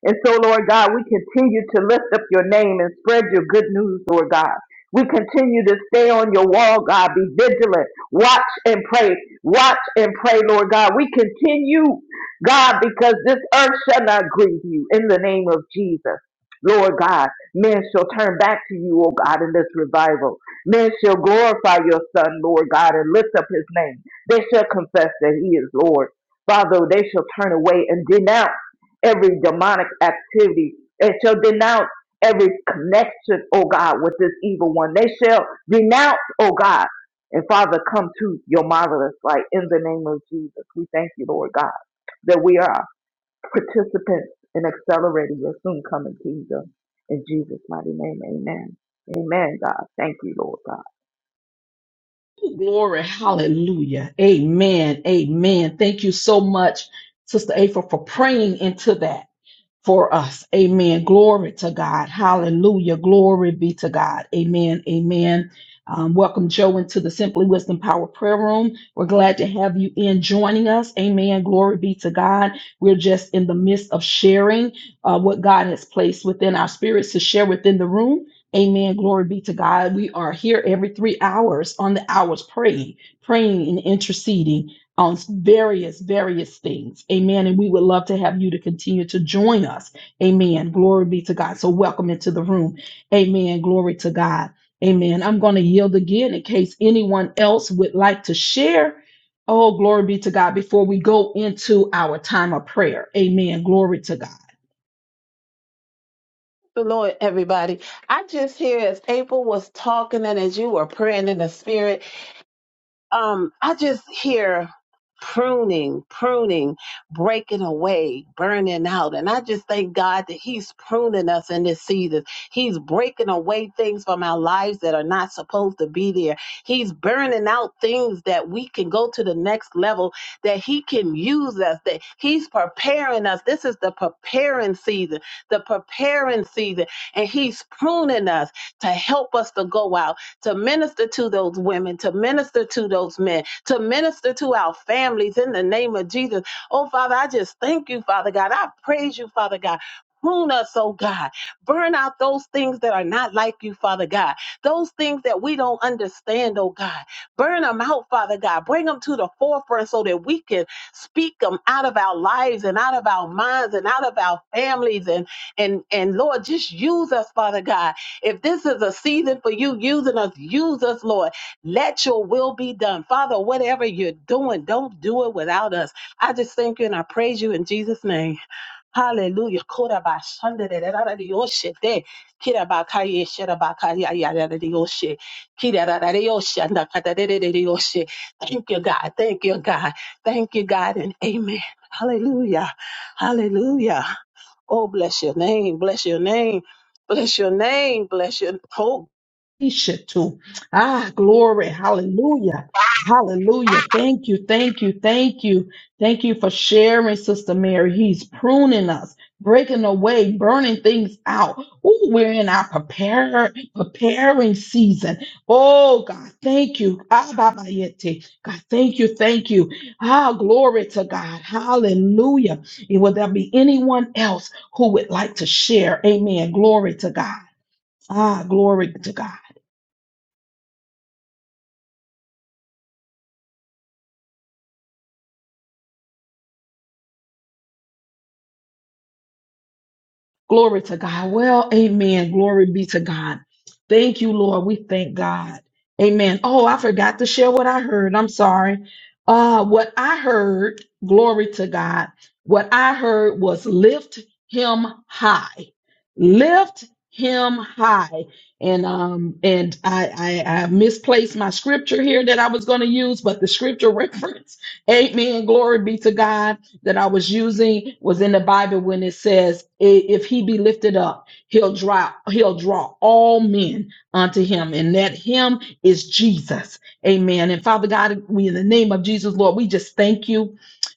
Speaker 3: And so, Lord God, we continue to lift up your name and spread your good news, Lord God. We continue to stay on your wall, God. Be vigilant. Watch and pray. Watch and pray, Lord God. We continue God, because this earth shall not grieve you in the name of Jesus. Lord God, men shall turn back to you, O God, in this revival. Men shall glorify your Son, Lord God, and lift up his name. They shall confess that he is Lord. Father, they shall turn away and denounce every demonic activity. They shall denounce every connection, O God, with this evil one. They shall renounce, O God. And Father, come to your marvelous light in the name of Jesus. We thank you, Lord God that we are participants in accelerating your soon coming kingdom. In Jesus' mighty name, amen. Amen, God. Thank you, Lord God.
Speaker 1: Glory. Hallelujah. Amen. Amen. Thank you so much, Sister April, for praying into that. for us. Amen. Glory to God. Hallelujah. Glory be to God. Amen. Amen. Um, welcome, Joe, into the Simply Wisdom Power Prayer Room. We're glad to have you in joining us. Amen. Glory be to God. We're just in the midst of sharing uh, what God has placed within our spirits to share within the room. Amen. Glory be to God. We are here every three hours on the hours praying, praying and interceding on various, various things. Amen. And we would love to have you to continue to join us. Amen. Glory be to God. So welcome into the room. Amen. Glory to God. Amen. I'm going to yield again in case anyone else would like to share. Oh, glory be to God before we go into our time of prayer. Amen. Glory to God.
Speaker 4: The Lord, everybody. I just hear as April was talking and as you were praying in the spirit. um, I just hear pruning, pruning, breaking away, burning out. And I just thank God that He's pruning us in this season. He's breaking away things from our lives that are not supposed to be there. He's burning out things that we can go to the next level, that He can use us, that He's preparing us. This is the preparing season, the preparing season. And He's pruning us to help us to go out to minister to those women, to minister to those men, to minister to our families in the name of Jesus. Oh, Father, I just thank you, Father God. I praise you, Father God. Prune us, oh God. Burn out those things that are not like you, Father God. Those things that we don't understand, oh God. Burn them out, Father God. Bring them to the forefront so that we can speak them out of our lives and out of our minds and out of our families and and and Lord, just use us, Father God if this is a season for you using us, use us, Lord. Let your will be done. Father, whatever you're doing, don't do it without us. I just thank you and I praise you in Jesus' name. Hallelujah. Korabashandarerararariyoshe. Kirabakaye, sherabakaya, yararariyoshe. Kirararariyoshe, Thank you, God. Thank you, God. Thank you, God, and amen. Hallelujah. Hallelujah. Oh, bless your name. Bless your name. Bless your name. Bless your hope.
Speaker 1: Ishatu. Ah, glory. Hallelujah. Hallelujah. Thank you. Thank you. Thank you. Thank you for sharing, Sister Mary. He's pruning us, breaking away, burning things out. Ooh, we're in our prepare, preparing season. Oh, God, thank you. Ah, Baba Yeti. God, thank you. Thank you. Ah, glory to God. Hallelujah. And Will there be anyone else who would like to share? Amen. Glory to God. Ah, glory to God. Glory to God. Well, amen. Glory be to God. Thank you, Lord. We thank God. Amen. Oh, I forgot to share what I heard. I'm sorry. Uh, what I heard, glory to God, what I heard was lift him high. Lift him high. And um, and I I, I misplaced my scripture here that I was going to use, but the scripture [LAUGHS] reference, amen. Glory be to God that I was using was in the Bible when it says, "I- "If he be lifted up, he'll draw he'll draw all men unto him," and that him is Jesus. Amen. And Father God, we in the name of Jesus, Lord, we just thank you,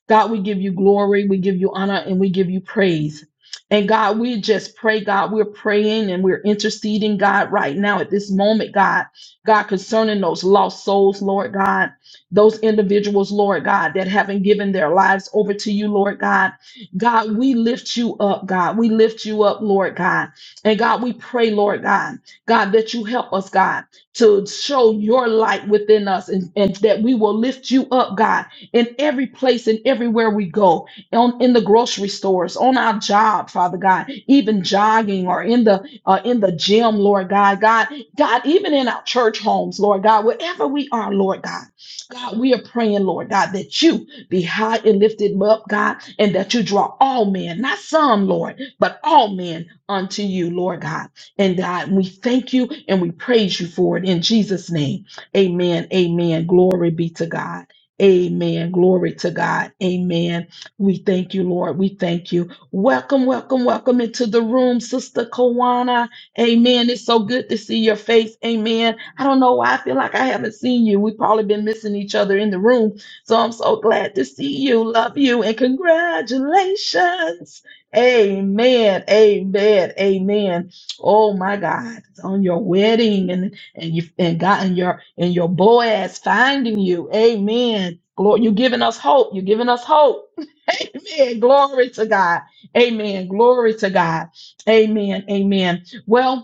Speaker 1: God. We give you glory, we give you honor, and we give you praise. And God, we just pray, God, we're praying and we're interceding, God, right now at this moment, God, God, concerning those lost souls, Lord God those individuals, Lord God, that haven't given their lives over to you, Lord God. God, we lift you up, God. We lift you up, Lord God. And God, we pray, Lord God, God, that you help us, God, to show your light within us and, and that we will lift you up, God, in every place and everywhere we go, on, in the grocery stores, on our job, Father God, even jogging or in the uh, in the gym, Lord God, God, God, even in our church homes, Lord God, wherever we are, Lord God. God, we are praying, Lord God, that you be high and lifted up, God, and that you draw all men, not some, Lord, but all men unto you, Lord God. And God, we thank you and we praise you for it in Jesus' name. Amen. Amen. Glory be to God. Amen. Glory to God. Amen. We thank you, Lord. We thank you. Welcome, welcome, welcome into the room, Sister Kawana. Amen. It's so good to see your face. Amen. I don't know why I feel like I haven't seen you. We've probably been missing each other in the room. So I'm so glad to see you. Love you and congratulations. Amen. Amen. Amen. Oh my God. It's on your wedding and and you and God and your and your Boaz finding you. Amen. Glory, you're giving us hope. You're giving us hope. [LAUGHS] Amen. Glory to God. Amen. Glory to God. Amen. Amen. Well,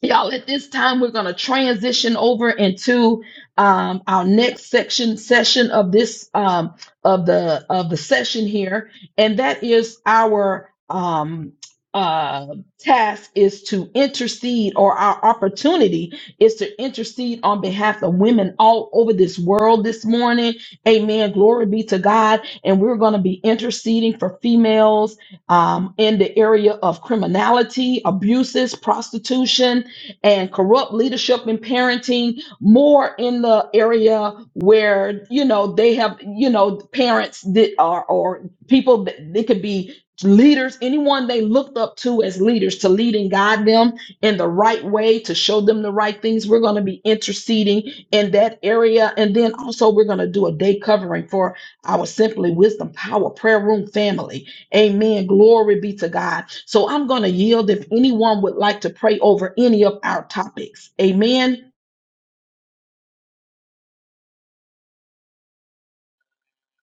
Speaker 1: Y'all, at this time, we're going to transition over into um, our next section session of this um, of the of the session here, and that is our um, uh, task is to intercede, or our opportunity is to intercede on behalf of women all over this world this morning. Amen. Glory be to God, and we're going to be interceding for females um, in the area of criminality, abuses, prostitution and corrupt leadership and parenting more in the area where you know they have you know parents that are or people that they could be leaders anyone they looked up to as leaders to lead and guide them in the right way to show them the right things we're going to be interceding in that area and then also we're going to do a day covering for our simply wisdom power prayer room family Amen. Glory be to God. So I'm going to yield if anyone would like to pray over any of our topics. Amen.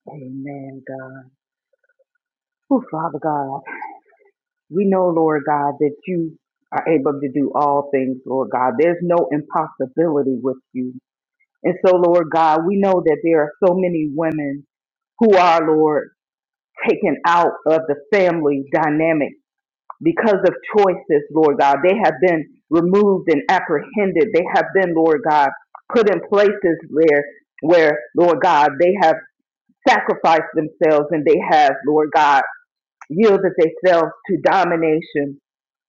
Speaker 3: Amen, God. Oh, Father God, we know, Lord God, that you are able to do all things, Lord God. There's no impossibility with you. And so, Lord God, we know that there are so many women who are, Lord, taken out of the family dynamic because of choices, Lord God. They have been removed and apprehended. They have been, Lord God, put in places where, where, Lord God, they have sacrificed themselves and they have, Lord God, yielded themselves to domination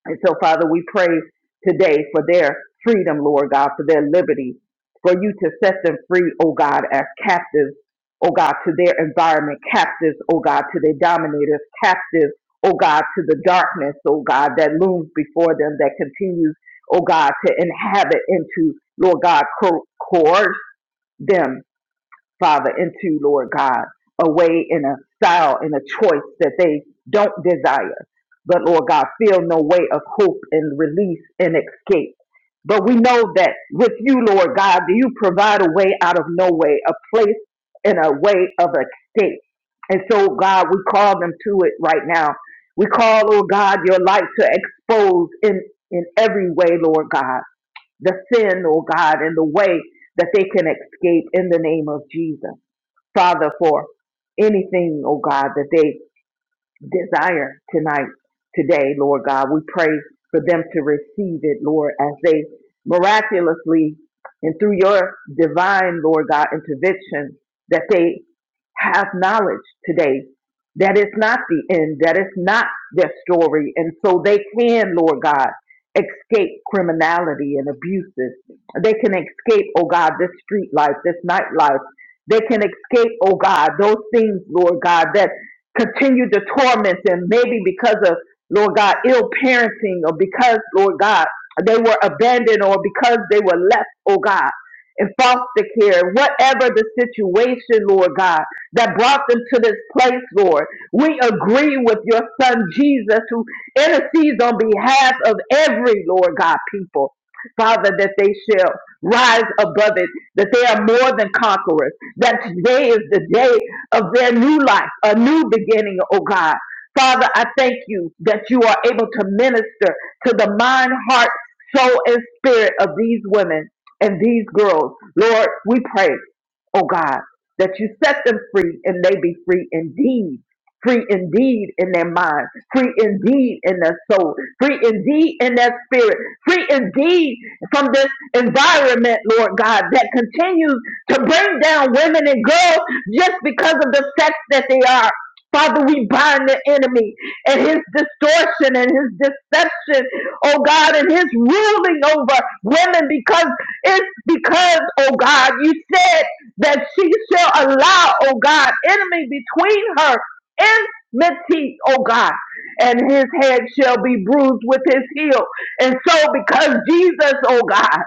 Speaker 3: and so, Father, we pray today for their freedom, Lord God, for their liberty, for you to set them free, oh God, as captives, oh God, to their environment, captives, oh God, to their dominators, captives, oh God, to the darkness, oh God, that looms before them, that continues, oh God, to inhabit into, Lord God, co- coerce them Father, into, Lord God, a way and a style and a choice that they don't desire. But Lord God, feel no way of hope and release and escape. But we know that with you, Lord God, do you provide a way out of no way, a place and a way of escape. And so, God, we call them to it right now. We call, oh God, your light to expose in, in every way, Lord God, the sin, oh God, and the way that they can escape in the name of Jesus. Father, for anything, oh God, that they desire tonight, today, Lord God. We pray for them to receive it, Lord, as they miraculously and through your divine, Lord God, intervention, that they have knowledge today that it's not the end, that it's not their story. And so they can, Lord God, escape criminality and abuses. They can escape, oh God, this street life, this nightlife. They can escape, oh God, those things, Lord God, that continue to torment them, maybe because of, Lord God, ill parenting or because, Lord God, they were abandoned or because they were left, oh God, in foster care, whatever the situation, Lord God, that brought them to this place, Lord. We agree with your son Jesus who intercedes on behalf of every, Lord God, people, Father, that they shall rise above it, that they are more than conquerors, that today is the day of their new life, a new beginning, oh God. Father, I thank you that you are able to minister to the mind, heart, soul, and spirit of these women and these girls. Lord, we pray, oh God, that you set them free and they be free indeed free indeed in their mind, free indeed in their soul, free indeed in their spirit, free indeed from this environment, Lord God, that continues to bring down women and girls just because of the sex that they are. Father, we bind the enemy and his distortion and his deception, oh God, and his ruling over women because it's because, oh God, you said that she shall allow, oh God, enemy between her enmity, oh God, and his head shall be bruised with his heel. And so, because Jesus, oh God,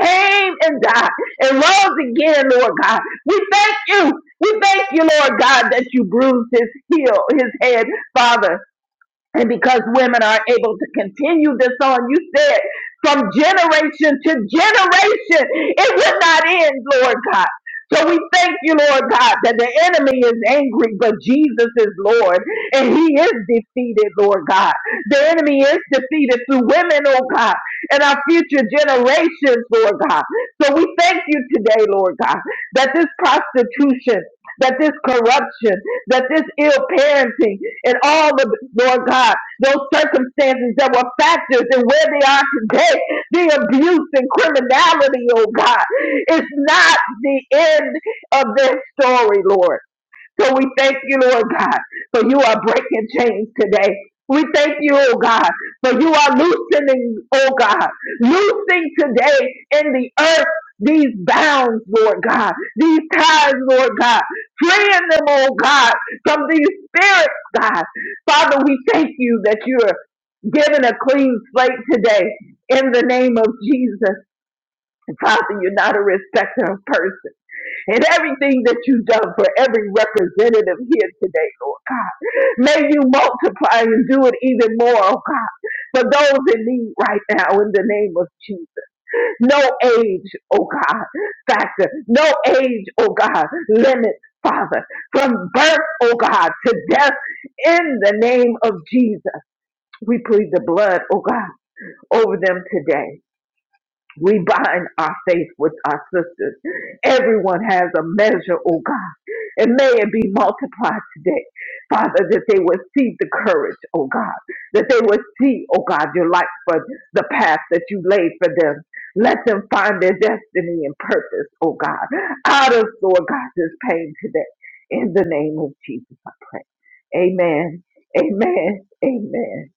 Speaker 3: came and died and rose again, Lord God, we thank you. We thank you, Lord God, that you bruised his heel, his head, Father. And because women are able to continue this on, you said from generation to generation, it would not end, Lord God. So we thank you, Lord God, that the enemy is angry, but Jesus is Lord, and he is defeated, Lord God. The enemy is defeated through women, oh God, and our future generations, Lord God. So we thank you today, Lord God, that this prostitution that this corruption, that this ill parenting, and all the Lord God, those circumstances that were factors in where they are today, the abuse and criminality, oh God, is not the end of their story, Lord. So we thank you, Lord God, for you are breaking chains today. We thank you, oh God, for you are loosening, oh God, loosing today in the earth these bounds, Lord God, these ties, Lord God, freeing them, oh God, from these spirits, God. Father, we thank you that you're giving a clean slate today in the name of Jesus. Father, you're not a respecter of persons and everything that you've done for every representative here today, Lord God. May you multiply and do it even more, oh God, for those in need right now in the name of Jesus. No age, oh God, factor, no age, oh God, limit. Father, from birth, oh God, to death, in the name of Jesus, we plead the blood, oh God, over them today. We bind our faith with our sisters. Everyone has a measure, oh God. And may it be multiplied today. Father, that they would see the courage, oh God. That they would see, oh God, your light for the path that you laid for them. Let them find their destiny and purpose, oh God. Out of, Lord God, this pain today. In the name of Jesus, I pray. Amen. Amen. Amen.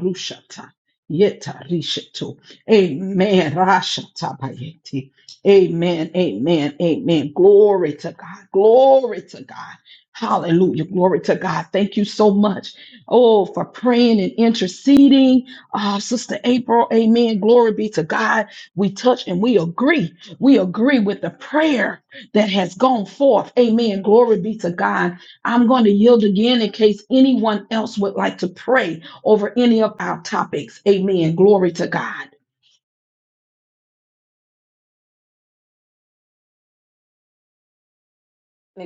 Speaker 1: Rushata. Yeta Rishetu. Amen. Rashata Bayeti. Amen. Amen. Amen. Glory to God. Glory to God. Hallelujah. Glory to God. Thank you so much. Oh, for praying and interceding. Ah, Sister April. Amen. Glory be to God. We touch and we agree. We agree with the prayer that has gone forth. Amen. Glory be to God. I'm going to yield again in case anyone else would like to pray over any of our topics. Amen. Glory to God.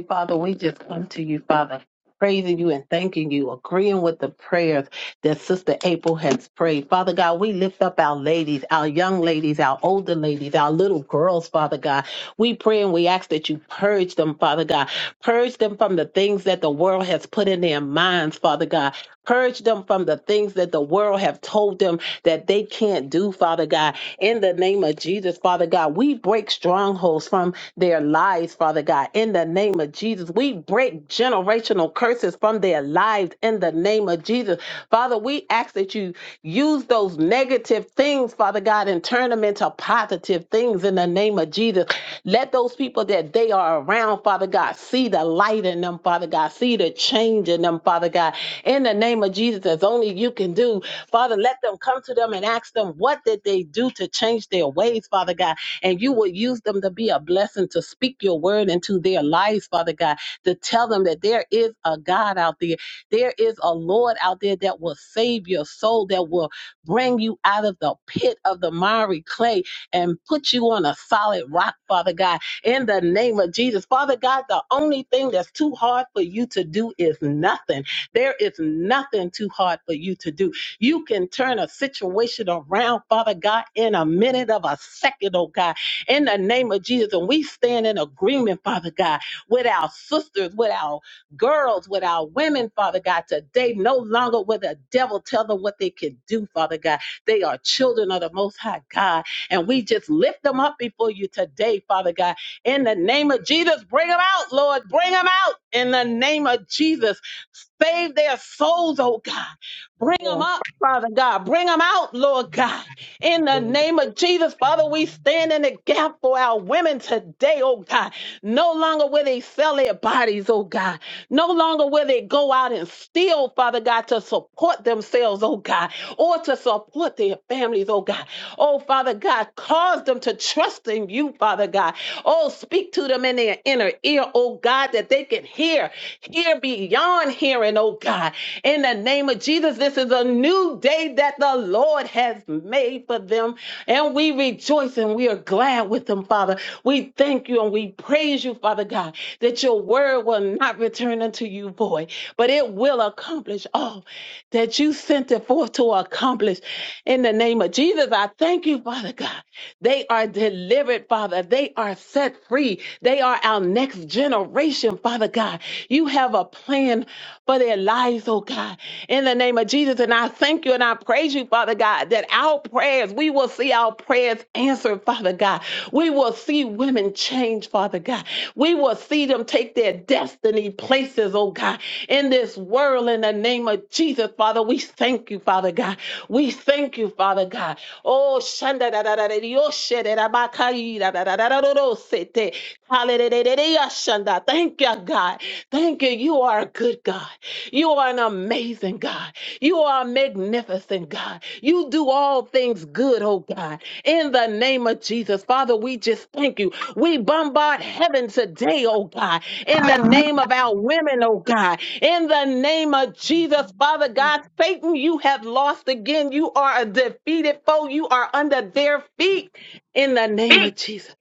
Speaker 4: Father, we just come to you, Father, praising you and thanking you, agreeing with the prayer. that Sister April has prayed. Father God, we lift up our ladies, our young ladies, our older ladies, our little girls, Father God. We pray and we ask that you purge them, Father God. Purge them from the things that the world has put in their minds, Father God. Purge them from the things that the world have told them that they can't do, Father God. In the name of Jesus, Father God, we break strongholds from their lives, Father God. In the name of Jesus, we break generational curses from their lives. In the name name of Jesus. Father, we ask that you use those negative things, Father God, and turn them into positive things in the name of Jesus. Let those people that they are around, Father God, see the light in them, Father God, see the change in them, Father God. In the name of Jesus, as only you can do, Father, let them come to them and ask them, what did they do to change their ways, Father God? And you will use them to be a blessing to speak your word into their lives, Father God, to tell them that there is a God out there there is a Lord out there that will save your soul, that will bring you out of the pit of the miry clay and put you on a solid rock, Father God, in the name of Jesus. Father God, the only thing that's too hard for you to do is nothing. There is nothing too hard for you to do. You can turn a situation around, Father God, in a minute of a second, oh God, in the name of Jesus. And we stand in agreement, Father God, with our sisters, with our girls, with our women, Father God, today no longer will the devil tell them what they can do, Father God. They are children of the Most High God, and we just lift them up before you today, Father God. In the name of Jesus, bring them out, Lord. Bring them out in the name of Jesus. Save their souls, oh God. Bring them
Speaker 3: Yeah.
Speaker 4: up, Father God. Bring them out, Lord God. In the name of Jesus, Father, we stand in the gap for our women today, oh God. No longer will they sell their bodies, oh God. No longer will they go out and steal, Father God, to support themselves, oh God, or to support their families, oh God. Oh, Father God, cause them to trust in you, Father God. Oh, speak to them in their inner ear, oh God, that they can hear. Hear beyond hearing, oh God. In the name of Jesus, this is a new day that the Lord has made for them. And we rejoice and we are glad with them, Father. We thank you and we praise you, Father God, that your word will not return unto you void, but it will accomplish all that you sent it forth to accomplish. In in the name of Jesus, I thank you, Father God. They are delivered, Father. They are set free. They are our next generation, Father God. You have a plan for their lives, oh God. In the name of Jesus, and I thank you and I praise you, Father God, that our prayers, we will see our prayers answered, Father God. We will see women change, Father God. God. We will see them take their destiny places, oh God, in this world in the name of Jesus, Father. We thank you, Father God. We thank you, Father God. Oh, shanda da da da da yo she da da ba ka yi da da da da da do do se te. Hallelujah, shanda. Thank you, God. Thank you. You are a good God. You are an amazing God. You are a magnificent God. You do all things good, oh God in the name of Jesus. Father, we just thank you. We bombard heaven today, oh God, in the name of our women, oh God, in the name of Jesus. Father God, Satan, you have lost again. You are a defeated foe. You are under their feet in the name of Jesus.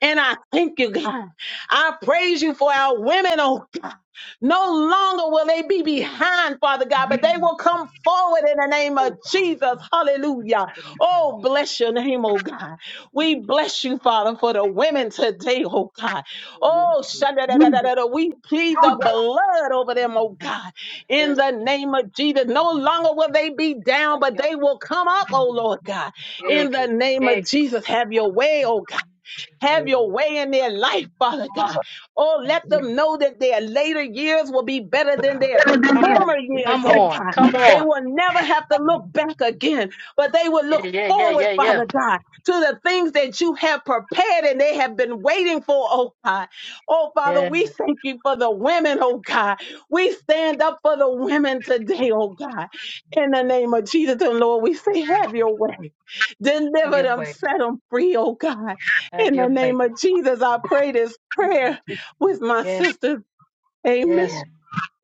Speaker 4: And I thank you, God. I praise you for our women, oh God. No longer will they be behind, Father God, but they will come forward in the name of Jesus. Hallelujah. Oh, bless your name, oh God. We bless you, Father, for the women today, oh God. Oh, shanda da da
Speaker 3: You
Speaker 4: da da. da. We plead the blood over them, oh
Speaker 2: Yes,
Speaker 4: God,
Speaker 2: Lord.
Speaker 4: in
Speaker 2: Yes,
Speaker 4: the
Speaker 2: Lord.
Speaker 4: name of Jesus. No longer will they be
Speaker 2: And
Speaker 4: down,
Speaker 2: God,
Speaker 4: but
Speaker 2: help
Speaker 4: they
Speaker 2: us.
Speaker 4: will come up, oh Lord God,
Speaker 2: Yeah, God.
Speaker 4: in the name
Speaker 2: Yeah,
Speaker 4: of
Speaker 2: God.
Speaker 4: Jesus. Have your way, oh God.
Speaker 2: Jesus.
Speaker 4: Have your way in their life, Father God. Oh,
Speaker 2: Yes,
Speaker 4: let them
Speaker 2: Lord.
Speaker 4: know that their later years will be better than their
Speaker 3: better than
Speaker 2: Come
Speaker 3: this.
Speaker 4: former
Speaker 2: on.
Speaker 4: years,
Speaker 2: Come
Speaker 4: oh
Speaker 2: on.
Speaker 4: God.
Speaker 2: Come
Speaker 4: They
Speaker 2: on.
Speaker 4: will never have to look back again, but they will
Speaker 2: Yeah,
Speaker 4: look
Speaker 2: yeah, yeah,
Speaker 4: forward,
Speaker 2: yeah, yeah.
Speaker 4: Father God, to the things that you have prepared and they have been waiting for, oh God. Oh, Father,
Speaker 2: Yes.
Speaker 4: we
Speaker 2: Have
Speaker 4: thank you for the women, oh God. We stand up for the women today, oh God. In the name of Jesus and Lord, we say, have your way. Deliver
Speaker 2: your
Speaker 4: them,
Speaker 2: way,
Speaker 4: set
Speaker 2: God.
Speaker 4: them free, oh God.
Speaker 2: Have
Speaker 4: In the
Speaker 2: your way,
Speaker 4: name
Speaker 2: God.
Speaker 4: of Jesus, I pray this prayer with my
Speaker 2: Yes,
Speaker 4: sister. Amen.
Speaker 2: Yes.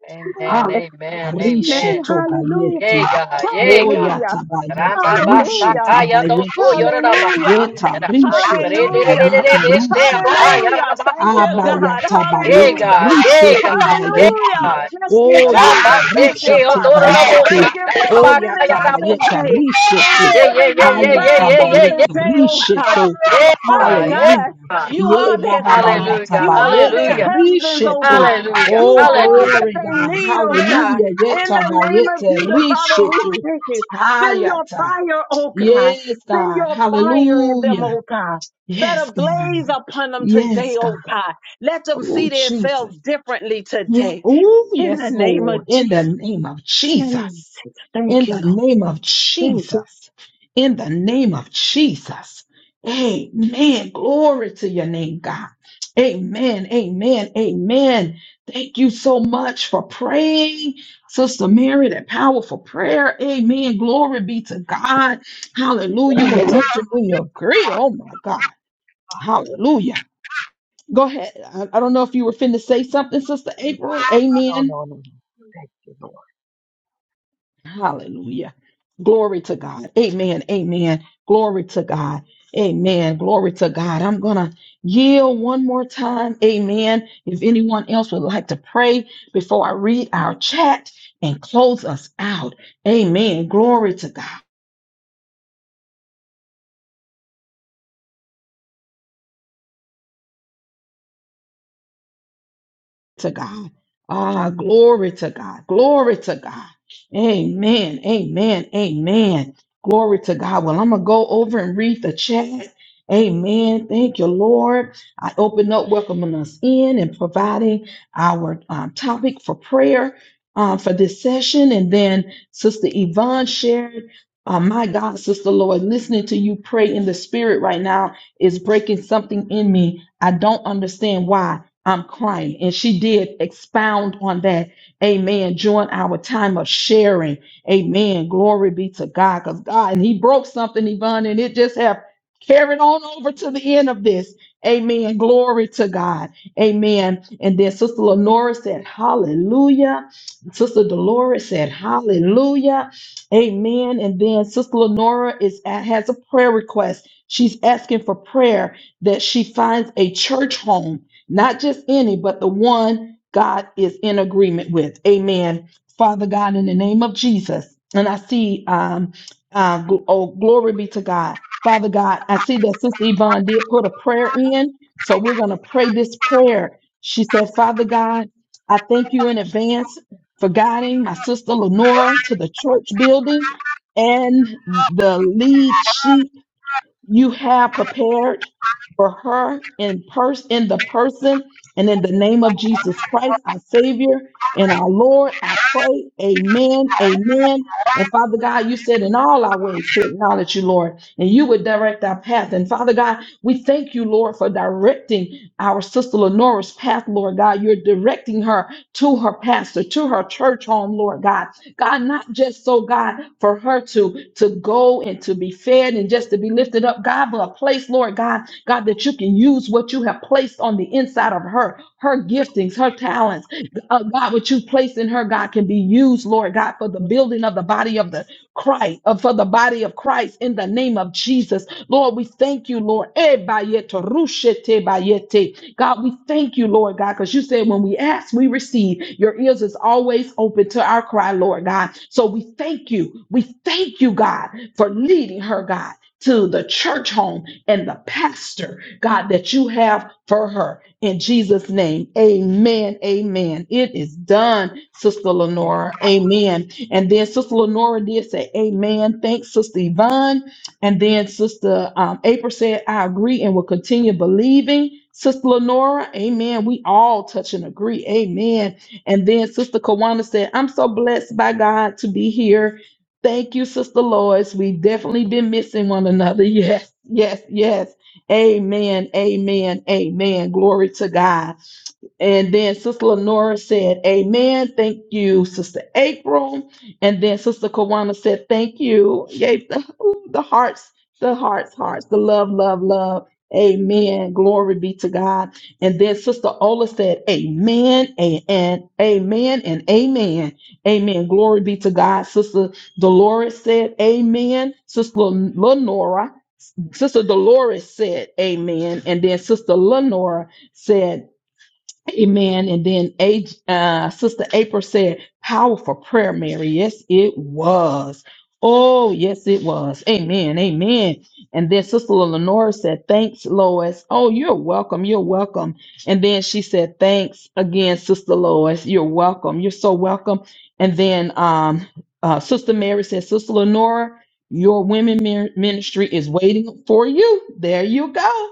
Speaker 2: Amen.
Speaker 3: Hallelujah.
Speaker 2: Amen.
Speaker 1: Arishe
Speaker 4: Amen.
Speaker 2: Amen.
Speaker 4: Hallelujah.
Speaker 2: Yay,
Speaker 1: tobayeti,
Speaker 2: God. Yay, God.
Speaker 1: oya
Speaker 4: Hallelujah.
Speaker 1: tabayeti, rusha
Speaker 4: Hallelujah.
Speaker 2: Rambabasakaya doso
Speaker 1: tabayeti,
Speaker 4: Hallelujah.
Speaker 1: yeta
Speaker 2: yorabasakaya.
Speaker 1: rishe
Speaker 4: Hallelujah.
Speaker 1: tobayeti,
Speaker 2: Rededededebeste
Speaker 1: rusha ta,
Speaker 2: akaya
Speaker 4: Hallelujah. Get
Speaker 2: rabasotoro.
Speaker 1: abaya
Speaker 2: Yay,
Speaker 1: tabayeti,
Speaker 4: hallelujah.
Speaker 2: God.
Speaker 1: rushe
Speaker 2: Yay, God. Yay,
Speaker 1: tebayeti,
Speaker 4: Hallelujah.
Speaker 2: God.
Speaker 4: Bless you,
Speaker 1: oya ta
Speaker 4: Jesus. Thank
Speaker 1: rushe
Speaker 4: you,
Speaker 2: Rambaseke
Speaker 4: Father.
Speaker 1: tebayeti,
Speaker 4: Thank
Speaker 2: odorobosa
Speaker 4: you for the
Speaker 1: oya
Speaker 4: women
Speaker 2: darabakaya
Speaker 4: on
Speaker 1: tabayeti,
Speaker 4: today.
Speaker 2: rabosotoro.
Speaker 1: rishe
Speaker 4: Thank
Speaker 1: to,
Speaker 4: you
Speaker 2: Yeah,
Speaker 4: for
Speaker 2: yeah,
Speaker 4: the
Speaker 2: yeah,
Speaker 4: young
Speaker 2: yeah,
Speaker 1: haya
Speaker 2: yeah,
Speaker 4: girls
Speaker 2: yeah,
Speaker 4: on
Speaker 2: yeah, yeah.
Speaker 1: tabayeti,
Speaker 4: today, oh
Speaker 1: rishe
Speaker 4: God.
Speaker 1: to,
Speaker 4: Oh,
Speaker 2: Yeah,
Speaker 4: Father
Speaker 2: God. Yeah,
Speaker 4: God,
Speaker 1: hallelujah,
Speaker 2: God.
Speaker 4: you
Speaker 1: ye
Speaker 4: are their
Speaker 1: baba
Speaker 4: God.
Speaker 1: baya
Speaker 2: Hallelujah.
Speaker 4: You are
Speaker 1: tabayeti,
Speaker 4: their
Speaker 2: Hallelujah.
Speaker 4: husbands,
Speaker 1: rishe
Speaker 4: oh
Speaker 1: to,
Speaker 4: God.
Speaker 2: Hallelujah.
Speaker 4: You
Speaker 1: Oh,
Speaker 4: are all
Speaker 2: Hallelujah.
Speaker 4: that
Speaker 1: glory,
Speaker 4: they
Speaker 1: God.
Speaker 4: need, oh God.
Speaker 1: Hallelujah.
Speaker 4: In
Speaker 1: Yeta
Speaker 4: the
Speaker 1: ba
Speaker 4: name of
Speaker 1: yete
Speaker 4: Jesus, Father, we
Speaker 1: rishitu.
Speaker 4: thank you. Send your
Speaker 1: Hayata.
Speaker 4: fire, oh God.
Speaker 1: Yes,
Speaker 4: Send
Speaker 1: God.
Speaker 4: your fire in them,
Speaker 1: Hallelujah.
Speaker 4: oh God. Set
Speaker 1: Yes,
Speaker 4: a
Speaker 1: God.
Speaker 4: blaze upon them
Speaker 1: Yes,
Speaker 4: today,
Speaker 1: God.
Speaker 4: oh God let them
Speaker 1: Oh,
Speaker 4: see
Speaker 1: Jesus.
Speaker 4: themselves differently
Speaker 1: Yes.
Speaker 4: today
Speaker 1: Oh,
Speaker 4: in
Speaker 1: yes,
Speaker 4: the name of
Speaker 1: Lord. In the name of
Speaker 4: Jesus.
Speaker 1: Jesus. In
Speaker 4: Thank you,
Speaker 1: the
Speaker 4: Lord.
Speaker 1: name of
Speaker 4: Thank you.
Speaker 1: Jesus. In the name of Jesus. Amen. Glory to your name, God. Amen. Amen. Amen. Thank you so much for praying, Sister Mary, that powerful prayer. Amen. Glory be to God. Hallelujah. We touch and we agree. Oh, my God. Hallelujah. Go ahead. I, I don't know if you were finna say something, Sister April.
Speaker 3: No,
Speaker 1: Amen.
Speaker 3: no, no. no. Thank you, Lord.
Speaker 1: Hallelujah. Glory to God. Amen. Amen. Glory to God. Amen. Glory to God. I'm going to yield one more time. Amen. If anyone else would like to pray before I read our chat and close us out. Amen. Glory to God. to God. Ah, glory to God. Glory to God. Amen. Amen. Amen. Glory to God. Well, I'm going to go over and read the chat. Amen. Thank you, Lord. I open up, welcoming us in and providing our um, topic for prayer uh, for this session. And then Sister Yvonne shared, uh, My God, Sister Lord, listening to you pray in the spirit right now is breaking something in me. I don't understand why. I'm crying. And she did expound on that. Amen. During our time of sharing. Amen. Glory be to God. Because God, and He broke something, Yvonne, and it just have carried on over to the end of this. Amen. Glory to God. Amen. And then Sister Lenora said, Hallelujah. Sister Dolores said, Hallelujah. Amen. And then Sister Lenora is has a prayer request. She's asking for prayer that she finds a church home not just any, but the one God is in agreement with. Amen. Father God, in the name of Jesus, and I see, um, uh, gl- oh, glory be to God. Father God, I see that Sister Yvonne did put a prayer in, so we're going to pray this prayer. She said, Father God, I thank you in advance for guiding my sister Lenora to the church building and the lead sheep you have prepared for her in person in the person and in the name of Jesus Christ, our Savior and our Lord, I pray. Amen. Amen. And Father God, you said in all our ways to acknowledge you, Lord, and you would direct our path. And Father God, we thank you, Lord, for directing our sister Lenora's path, Lord God. You're directing her to her pastor, to her church home, Lord God. God, not just so God for her to to go and to be fed and just to be lifted up, God, but a place, Lord God, God, that you can use what you have placed on the inside of her, her giftings, her talents, uh, God, what you placed in her, God, can be used, Lord God, for the building of the body of the Christ, uh, for the body of Christ in the name of Jesus. Lord, we thank you, Lord. Eh, bayete, rushete, bayete. God, we thank you, Lord God, because you said when we ask, we receive. Your ears is always open to our cry, Lord God. So we thank you. We thank you, God, for leading her, God, to the church home and the pastor, God, that you have for her. In Jesus' name, amen, amen. It is done, Sister Lenora. Amen. And then Sister Lenora did say, Amen. Thanks, Sister Yvonne. And then Sister um, April said, I agree and will continue believing. Sister Lenora, amen. We all touch and agree, amen. And then Sister Kawana said, I'm so blessed by God to be here. Thank you, Sister Lois. We've definitely been missing one another. [LAUGHS] Yes, yes, yes. Amen, amen, amen. Glory to God. And then Sister Lenora said, Amen. Thank you, Sister April. And then Sister Kawana said, Thank you. Gave the, ooh, the hearts, the hearts, hearts, the love, love, love. Amen. Glory be to God. And then Sister Ola said, Amen and, and Amen and Amen. Amen. Glory be to God. Sister Dolores said, Amen. Sister Lenora, Sister Dolores said, Amen. And then Sister Lenora said, Amen. And then Age, uh, Sister April said, powerful prayer, Mary. Yes, it was. Oh, yes, it was. Amen. Amen. And then Sister Lenora said, thanks, Lois. Oh, you're welcome. You're welcome. And then she said, thanks again, Sister Lois. You're welcome. You're so welcome. And then um, uh, Sister Mary said, Sister Lenora, your women min- ministry is waiting for you. There you go.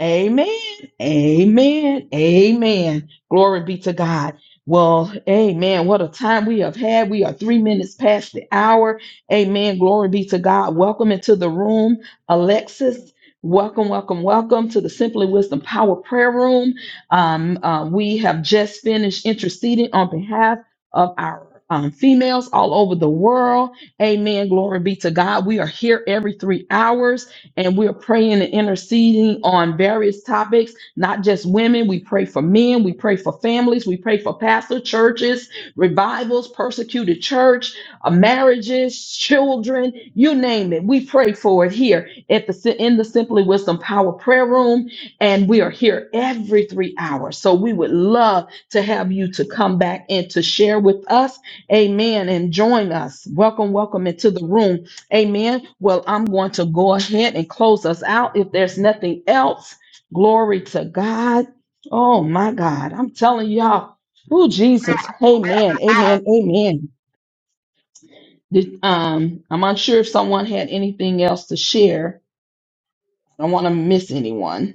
Speaker 1: Amen. Amen. Amen. Glory be to God. Well, amen. What a time we have had. We are three minutes past the hour. Amen. Glory be to God. Welcome into the room, Alexis. Welcome, welcome, welcome to the Simply Wisdom Power Prayer Room. Um, uh, we have just finished interceding on behalf of our um, females all over the world. Amen. Glory be to God. We are here every three hours and we're praying and interceding on various topics not just women. We pray for men. We pray for families. We pray for pastor churches, revivals, persecuted church, uh, marriages, children, you name it. We pray for it here at the Si- in the Simply Wisdom Power Prayer Room, and we are here every three hours. So we would love to have you to come back and to share with us. Amen. And join us. Welcome, welcome into the room. Amen. Well, I'm going to go ahead and close us out if there's nothing else. Glory to God. Oh my God. I'm telling y'all. Oh Jesus. Amen. Amen. Amen. Did- um, I'm unsure if someone had anything else to share. I don't want to miss anyone.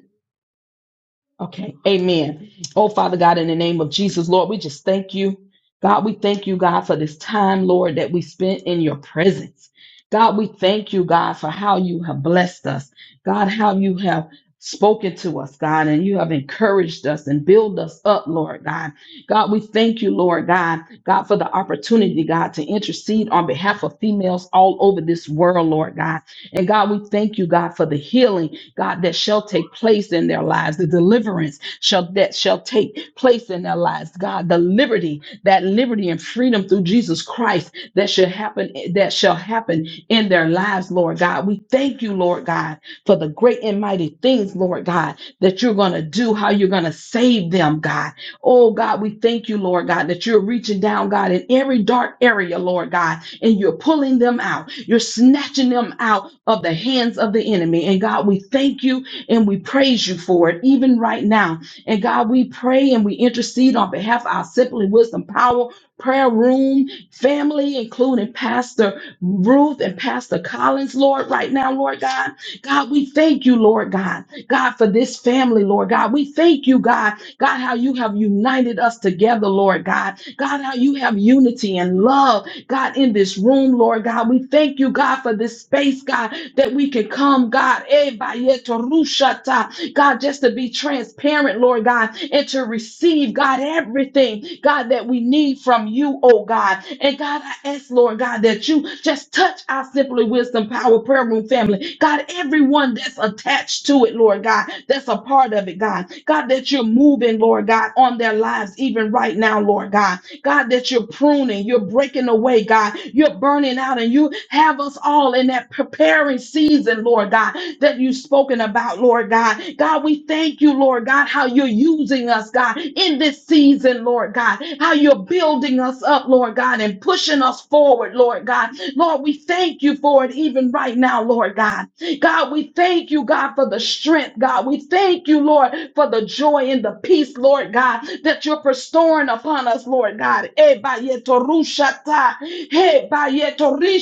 Speaker 1: Okay. Amen. Oh, Father God, in the name of Jesus, Lord, we just thank you. God, we thank you, God, for this time, Lord, that we spent in your presence. God, we thank you, God, for how you have blessed us. God, how you have spoken to us, God, and you have encouraged us and build us up, Lord God. God, we thank you, Lord God, God, for the opportunity, God, to intercede on behalf of females all over this world, Lord God. And God, we thank you, God, for the healing God, that shall take place in their lives, the deliverance shall that shall take place in their lives, God, the liberty, that liberty and freedom through Jesus Christ that should happen, that shall happen in their lives, Lord God. We thank you, Lord God, for the great and mighty things, Lord God, that you're gonna do, how you're gonna save them, God. Oh God, we thank you, Lord God, that you're reaching down, God, in every dark area, Lord God, and you're pulling them out. You're snatching them out of the hands of the enemy. And God, we thank you and we praise you for it, even right now. And God, we pray and we intercede on behalf of our Simply Wisdom Power prayer room family, including Pastor Ruth and Pastor Collins, Lord, right now, Lord God. God, we thank you, Lord God. God, for this family, Lord God. We thank you, God. God, how you have united us together, Lord God. God, how you have unity and love God, in this room, Lord God. We thank you, God, for this space, God, that we can come, God, eh, bayeto rushata. God, just to be transparent, Lord God, and to receive, God, everything, God, that we need from you, oh God. And God, I ask, Lord God, that you just touch our Simply Wisdom Power Prayer Room family. God, everyone that's attached to it, Lord God, that's a part of it, God. God, that you're moving, Lord God, on their lives, even right now, Lord God. God, that you're pruning, you're breaking away, God, you're burning out, and you have us all in that preparing season, Lord God, that you've spoken about, Lord God. God, we thank you, Lord God, how you're using us, God, in this season, Lord God, how you're building us up, Lord God, and pushing us forward, Lord God. Lord, we thank you for it even right now, Lord God. God, we thank you, God, for the strength, God. We thank you, Lord, for the joy and the peace, Lord God, that you're bestowing upon us, Lord God. Eh, ba, ye, to, Hey, ba, ye, to, ri,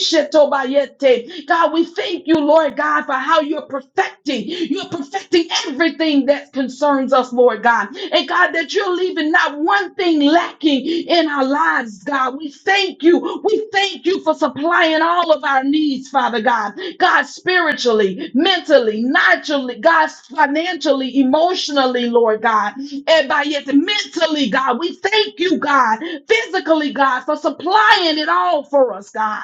Speaker 1: God, we thank you, Lord God, for how you're perfecting. You're perfecting everything that concerns us, Lord God. And God, that you you're leaving not one thing lacking in our lives, God. We thank you. We thank you for supplying all of our needs, Father God. God, spiritually, mentally, naturally, God, financially, emotionally, Lord God. And by yet mentally, God, we thank you, God, physically, God, for supplying it all for us, God.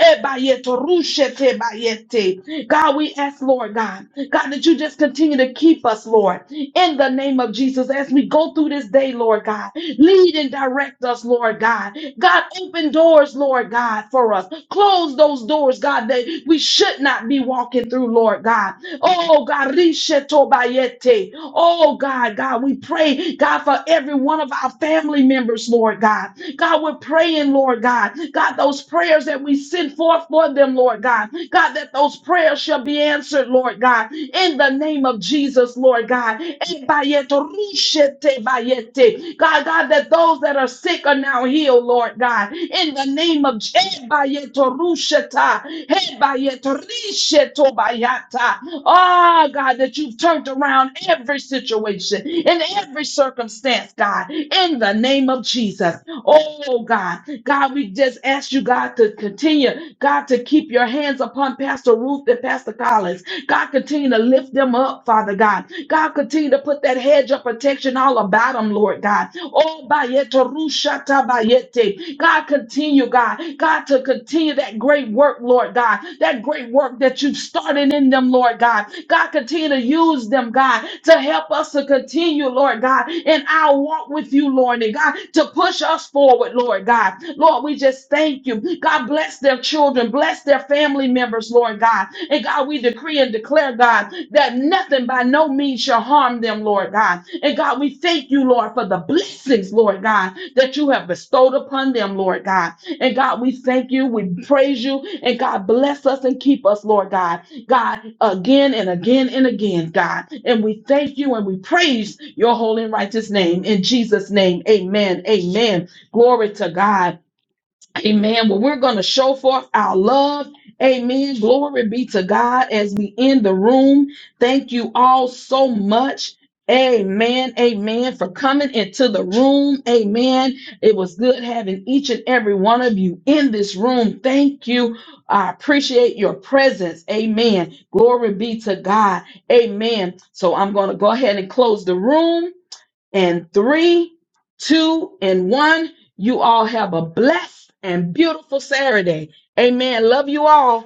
Speaker 1: Eh, bayete, rushete, bayete. God, we ask, Lord God, God, that you just continue to keep us, Lord morning in the name of Jesus as we go through this day, Lord God. Lead and direct us, Lord God. God, open doors, Lord God, for us. Close those doors, God, that we should not be walking through, Lord God. Oh, God, Rishetobayete. Oh, God, God, we pray, God, for every one of our family members, Lord God. God, we're praying, Lord God. God, those prayers that we send forth for them, Lord God. God, that those prayers shall be answered, Lord God. In the name of Jesus, Lord God. Ebayeto rushete bayete. God, God, that those that are sick are now healed, Lord God. In the name of Je- Ebayeto rusheta. Ebayeto risheto bayata. Ah, God, that you've turned around every situation in every circumstance, God, in the name of Jesus. Oh God, God, we just ask you, God, to continue, God, to keep your hands upon Pastor Ruth and Pastor Collins. God, continue to lift them up, Father God. God, continue to put that hedge of protection all about them, Lord God. Oh, bayeto rushata bayete. God, continue, God. God, to continue that great work, Lord God. That great work that you've started in them, Lord God. God, continue to use them, God, to help us to continue, Lord God, in our walk with you, Lord, and God, to push us forward, Lord. Lord God. Lord, we just thank you. God, bless their children, bless their family members, Lord God. And God, we decree and declare, God, that nothing by no means shall harm them, Lord God. And God, we thank you, Lord, for the blessings, Lord God, that you have bestowed upon them, Lord God. And God, we thank you, we praise you, and God, bless us and keep us, Lord God. God, again and again and again, God. And we thank you and we praise your holy and righteous name. In Jesus' name, amen. Amen. Glory to God. Amen. Well, we're going to show forth our love. Amen. Glory be to God as we end the room. Thank you all so much. Amen. Amen. For coming into the room. Amen. It was good having each and every one of you in this room. Thank you. I appreciate your presence. Amen. Glory be to God. Amen. So I'm going to go ahead and close the room and three, two, and one. You all have a blessed and beautiful Saturday. Amen. Love you all.